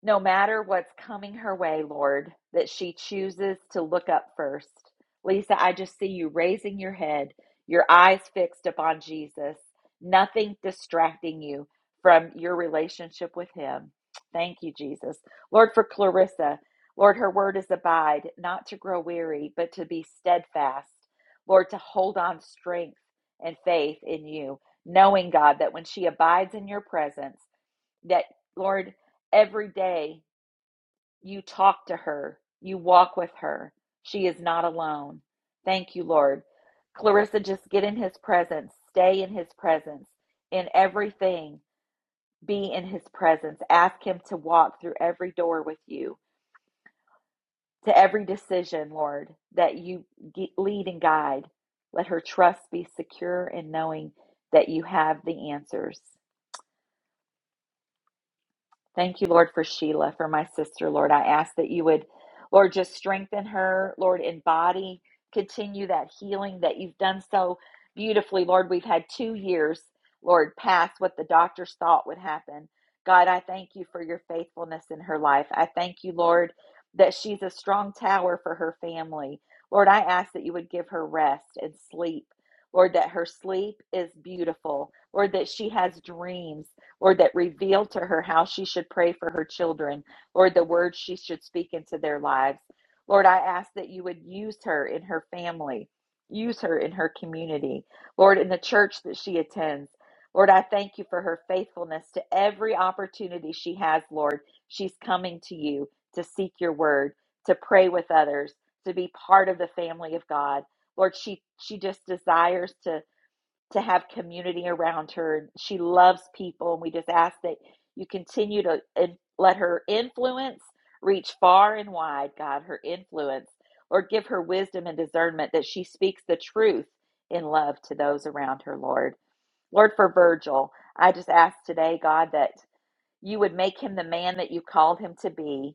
Speaker 1: no matter what's coming her way, Lord, that she chooses to look up first. Lisa, I just see you raising your head, your eyes fixed upon Jesus, nothing distracting you from your relationship with Him. Thank you, Jesus. Lord, for Clarissa, Lord, her word is abide, not to grow weary, but to be steadfast. Lord, to hold on strength and faith in you, knowing, God, that when she abides in your presence, that, Lord, every day you talk to her, you walk with her. She is not alone. Thank you, Lord. Clarissa, just get in his presence, stay in his presence, in everything, be in his presence. Ask him to walk through every door with you, to every decision, Lord, that you lead and guide. Let her trust be secure in knowing that you have the answers. Thank you, Lord, for Sheila, for my sister, Lord. I ask that you would, Lord, just strengthen her, Lord, in body, continue that healing that you've done so beautifully, Lord. We've had two years, Lord, past what the doctors thought would happen. God, I thank you for your faithfulness in her life. I thank you, Lord, that she's a strong tower for her family. Lord, I ask that you would give her rest and sleep. Lord, that her sleep is beautiful. Lord, that she has dreams. Lord, that revealed to her how she should pray for her children, Lord, the words she should speak into their lives. Lord, I ask that you would use her in her family, use her in her community, Lord, in the church that she attends. Lord, I thank you for her faithfulness to every opportunity she has, Lord. She's coming to you to seek your word, to pray with others, to be part of the family of God. Lord, she she just desires to to have community around her. She loves people, and we just ask that you continue to in- let her influence reach far and wide, God, her influence. Lord, give her wisdom and discernment that she speaks the truth in love to those around her, Lord. Lord, for Virgil, I just ask today, God, that you would make him the man that you called him to be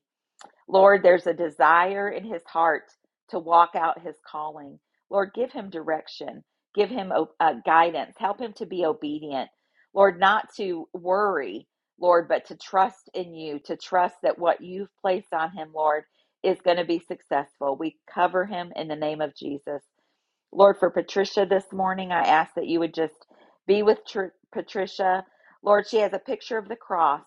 Speaker 1: Lord, there's a desire in his heart to walk out his calling. Lord, give him direction, give him uh, guidance, help him to be obedient. Lord, not to worry, Lord, but to trust in you, to trust that what you've placed on him, Lord, is going to be successful. We cover him in the name of Jesus. Lord, for Patricia this morning, I ask that you would just be with Tr- Patricia. Lord, she has a picture of the cross.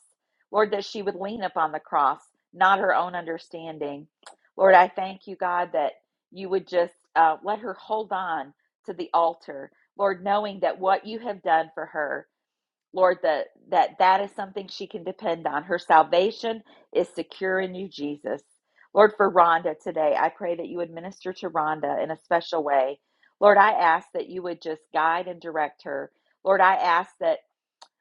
Speaker 1: Lord, that she would lean upon the cross, not her own understanding. Lord, I thank you, God, that you would just uh, let her hold on to the altar. Lord, knowing that what you have done for her, Lord, that that that is something she can depend on. Her salvation is secure in you, Jesus. Lord, for Rhonda today, I pray that you would minister to Rhonda in a special way. Lord, I ask that you would just guide and direct her. Lord, I ask that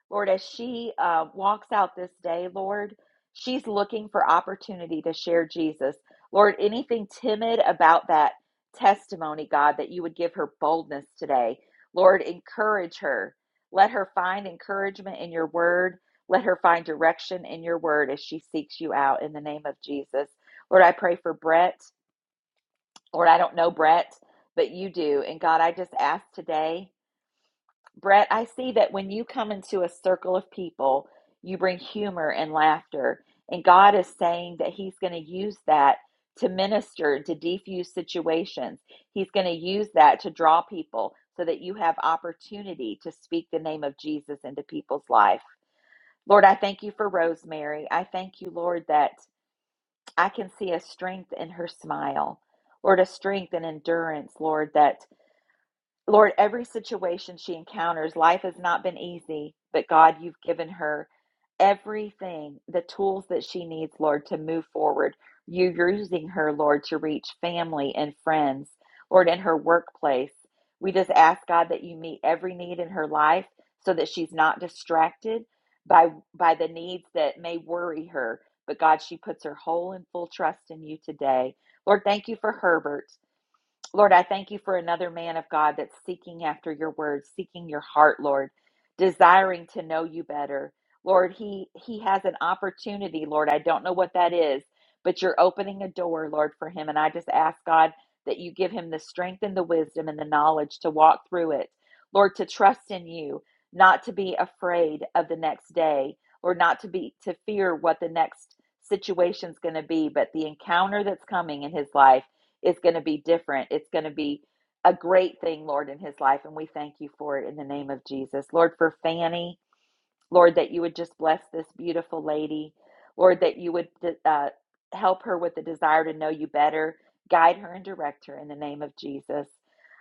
Speaker 1: Lord, as she uh, walks out this day, Lord, she's looking for opportunity to share Jesus. Lord, anything timid about that testimony, God, that you would give her boldness today. Lord, encourage her. Let her find encouragement in your word. Let her find direction in your word as she seeks you out in the name of Jesus. Lord, I pray for Brett. Lord, I don't know Brett, but you do. And God, I just ask today Brett, I see that when you come into a circle of people, you bring humor and laughter. And God is saying that He's going to use that to minister, to defuse situations. He's going to use that to draw people so that you have opportunity to speak the name of Jesus into people's life. Lord, I thank you for Rosemary. I thank you, Lord, that I can see a strength in her smile. Lord, a strength and endurance, Lord, that Lord, every situation she encounters, life has not been easy, but God, you've given her everything, the tools that she needs, Lord, to move forward. You're using her, Lord, to reach family and friends, Lord, in her workplace. We just ask, God, that you meet every need in her life so that she's not distracted by, by the needs that may worry her. But God, she puts her whole and full trust in you today. Lord, thank you for Herbert. Lord, I thank you for another man of God that's seeking after your word, seeking your heart, Lord, desiring to know you better. Lord, he he has an opportunity, Lord. I don't know what that is, but you're opening a door, Lord, for him and I just ask God that you give him the strength and the wisdom and the knowledge to walk through it. Lord, to trust in you, not to be afraid of the next day, Lord, not to be to fear what the next situation's going to be, but the encounter that's coming in his life is going to be different. It's going to be a great thing, Lord, in his life. And we thank you for it in the name of Jesus. Lord, for Fanny, Lord, that you would just bless this beautiful lady. Lord, that you would uh, help her with the desire to know you better, guide her and direct her in the name of Jesus.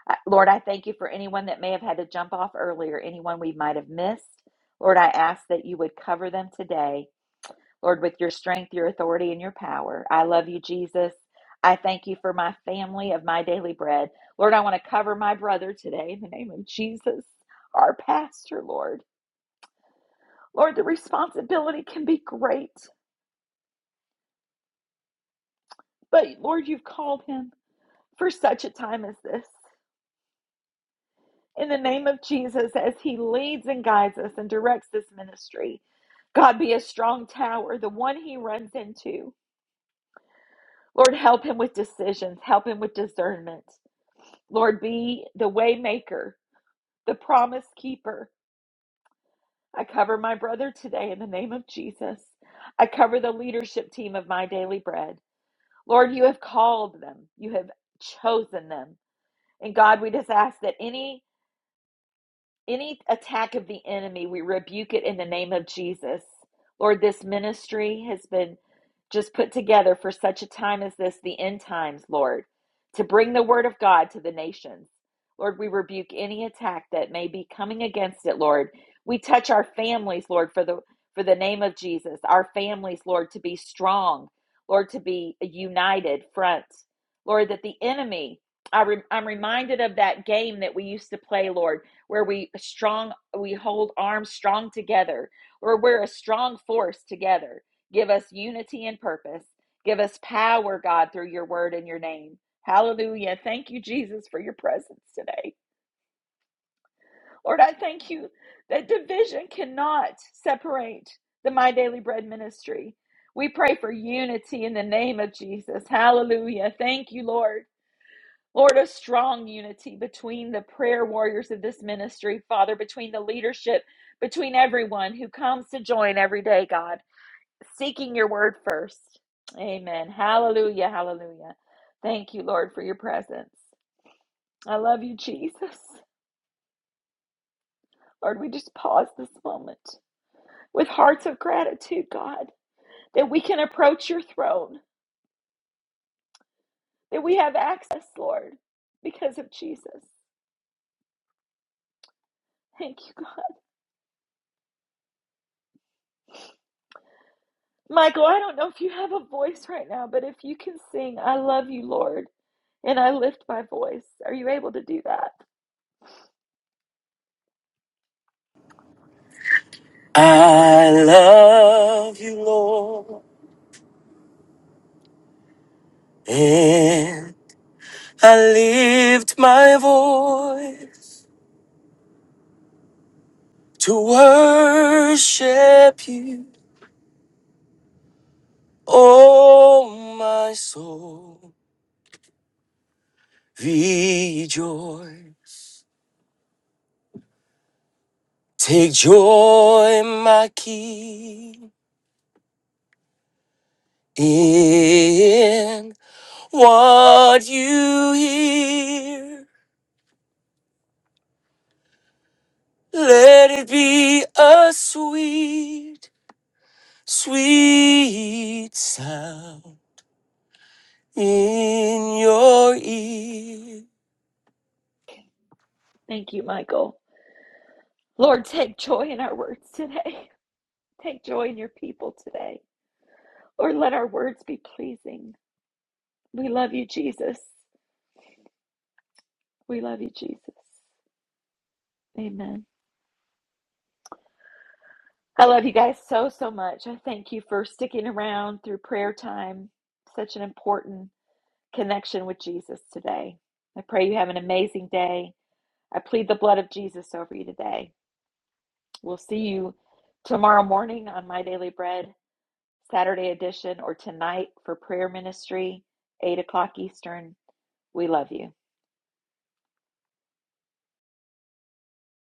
Speaker 1: Uh, Lord, I thank you for anyone that may have had to jump off earlier, anyone we might have missed. Lord, I ask that you would cover them today Lord, with your strength, your authority, and your power. I love you, Jesus. I thank you for my family of my daily bread. Lord, I want to cover my brother today in the name of Jesus, our pastor, Lord. Lord, the responsibility can be great, but Lord, you've called him for such a time as this. In the name of Jesus, as he leads and guides us and directs this ministry, God be a strong tower, the one he runs into. Lord, help him with decisions, help him with discernment. Lord, be the way maker, the promise keeper. I cover my brother today in the name of Jesus. I cover the leadership team of my daily bread. Lord, you have called them, you have chosen them. And God, we just ask that any Any attack of the enemy, we rebuke it in the name of Jesus. Lord, this ministry has been just put together for such a time as this, the end times, Lord, to bring the word of God to the nations. Lord, we rebuke any attack that may be coming against it, Lord. We touch our families, Lord, for the for the name of Jesus. Our families, Lord, to be strong, Lord, to be a united front. Lord, that the enemy, I re, I'm reminded of that game that we used to play, Lord where we strong we hold arms strong together or we're a strong force together give us unity and purpose give us power god through your word and your name hallelujah thank you jesus for your presence today lord i thank you that division cannot separate the my daily bread ministry we pray for unity in the name of jesus hallelujah thank you lord Lord, a strong unity between the prayer warriors of this ministry, Father, between the leadership, between everyone who comes to join every day, God, seeking your word first. Amen. Hallelujah. Hallelujah. Thank you, Lord, for your presence. I love you, Jesus. Lord, we just pause this moment with hearts of gratitude, God, that we can approach your throne, that we have access, Lord, because of Jesus. Thank you, God. Michael, I don't know if you have a voice right now, but if you can sing, I love you, Lord, and I lift my voice. Are you able to do that?
Speaker 10: I love you, Lord, and I lift my voice to worship you. Oh, my soul, rejoice. Take joy, my King, in what you hear. Let it be a sweet Sweet sound in your ear.
Speaker 1: Thank you, Michael. Lord, take joy in our words today. Take joy in your people today. Lord, let our words be pleasing. We love you, Jesus. We love you, Jesus. Amen. I love you guys so, so much. I thank you for sticking around through prayer time. Such an important connection with Jesus today. I pray you have an amazing day. I plead the blood of Jesus over you today. We'll see you tomorrow morning on My Daily Bread, Saturday edition, or tonight for prayer ministry, 8 o'clock Eastern. We love you.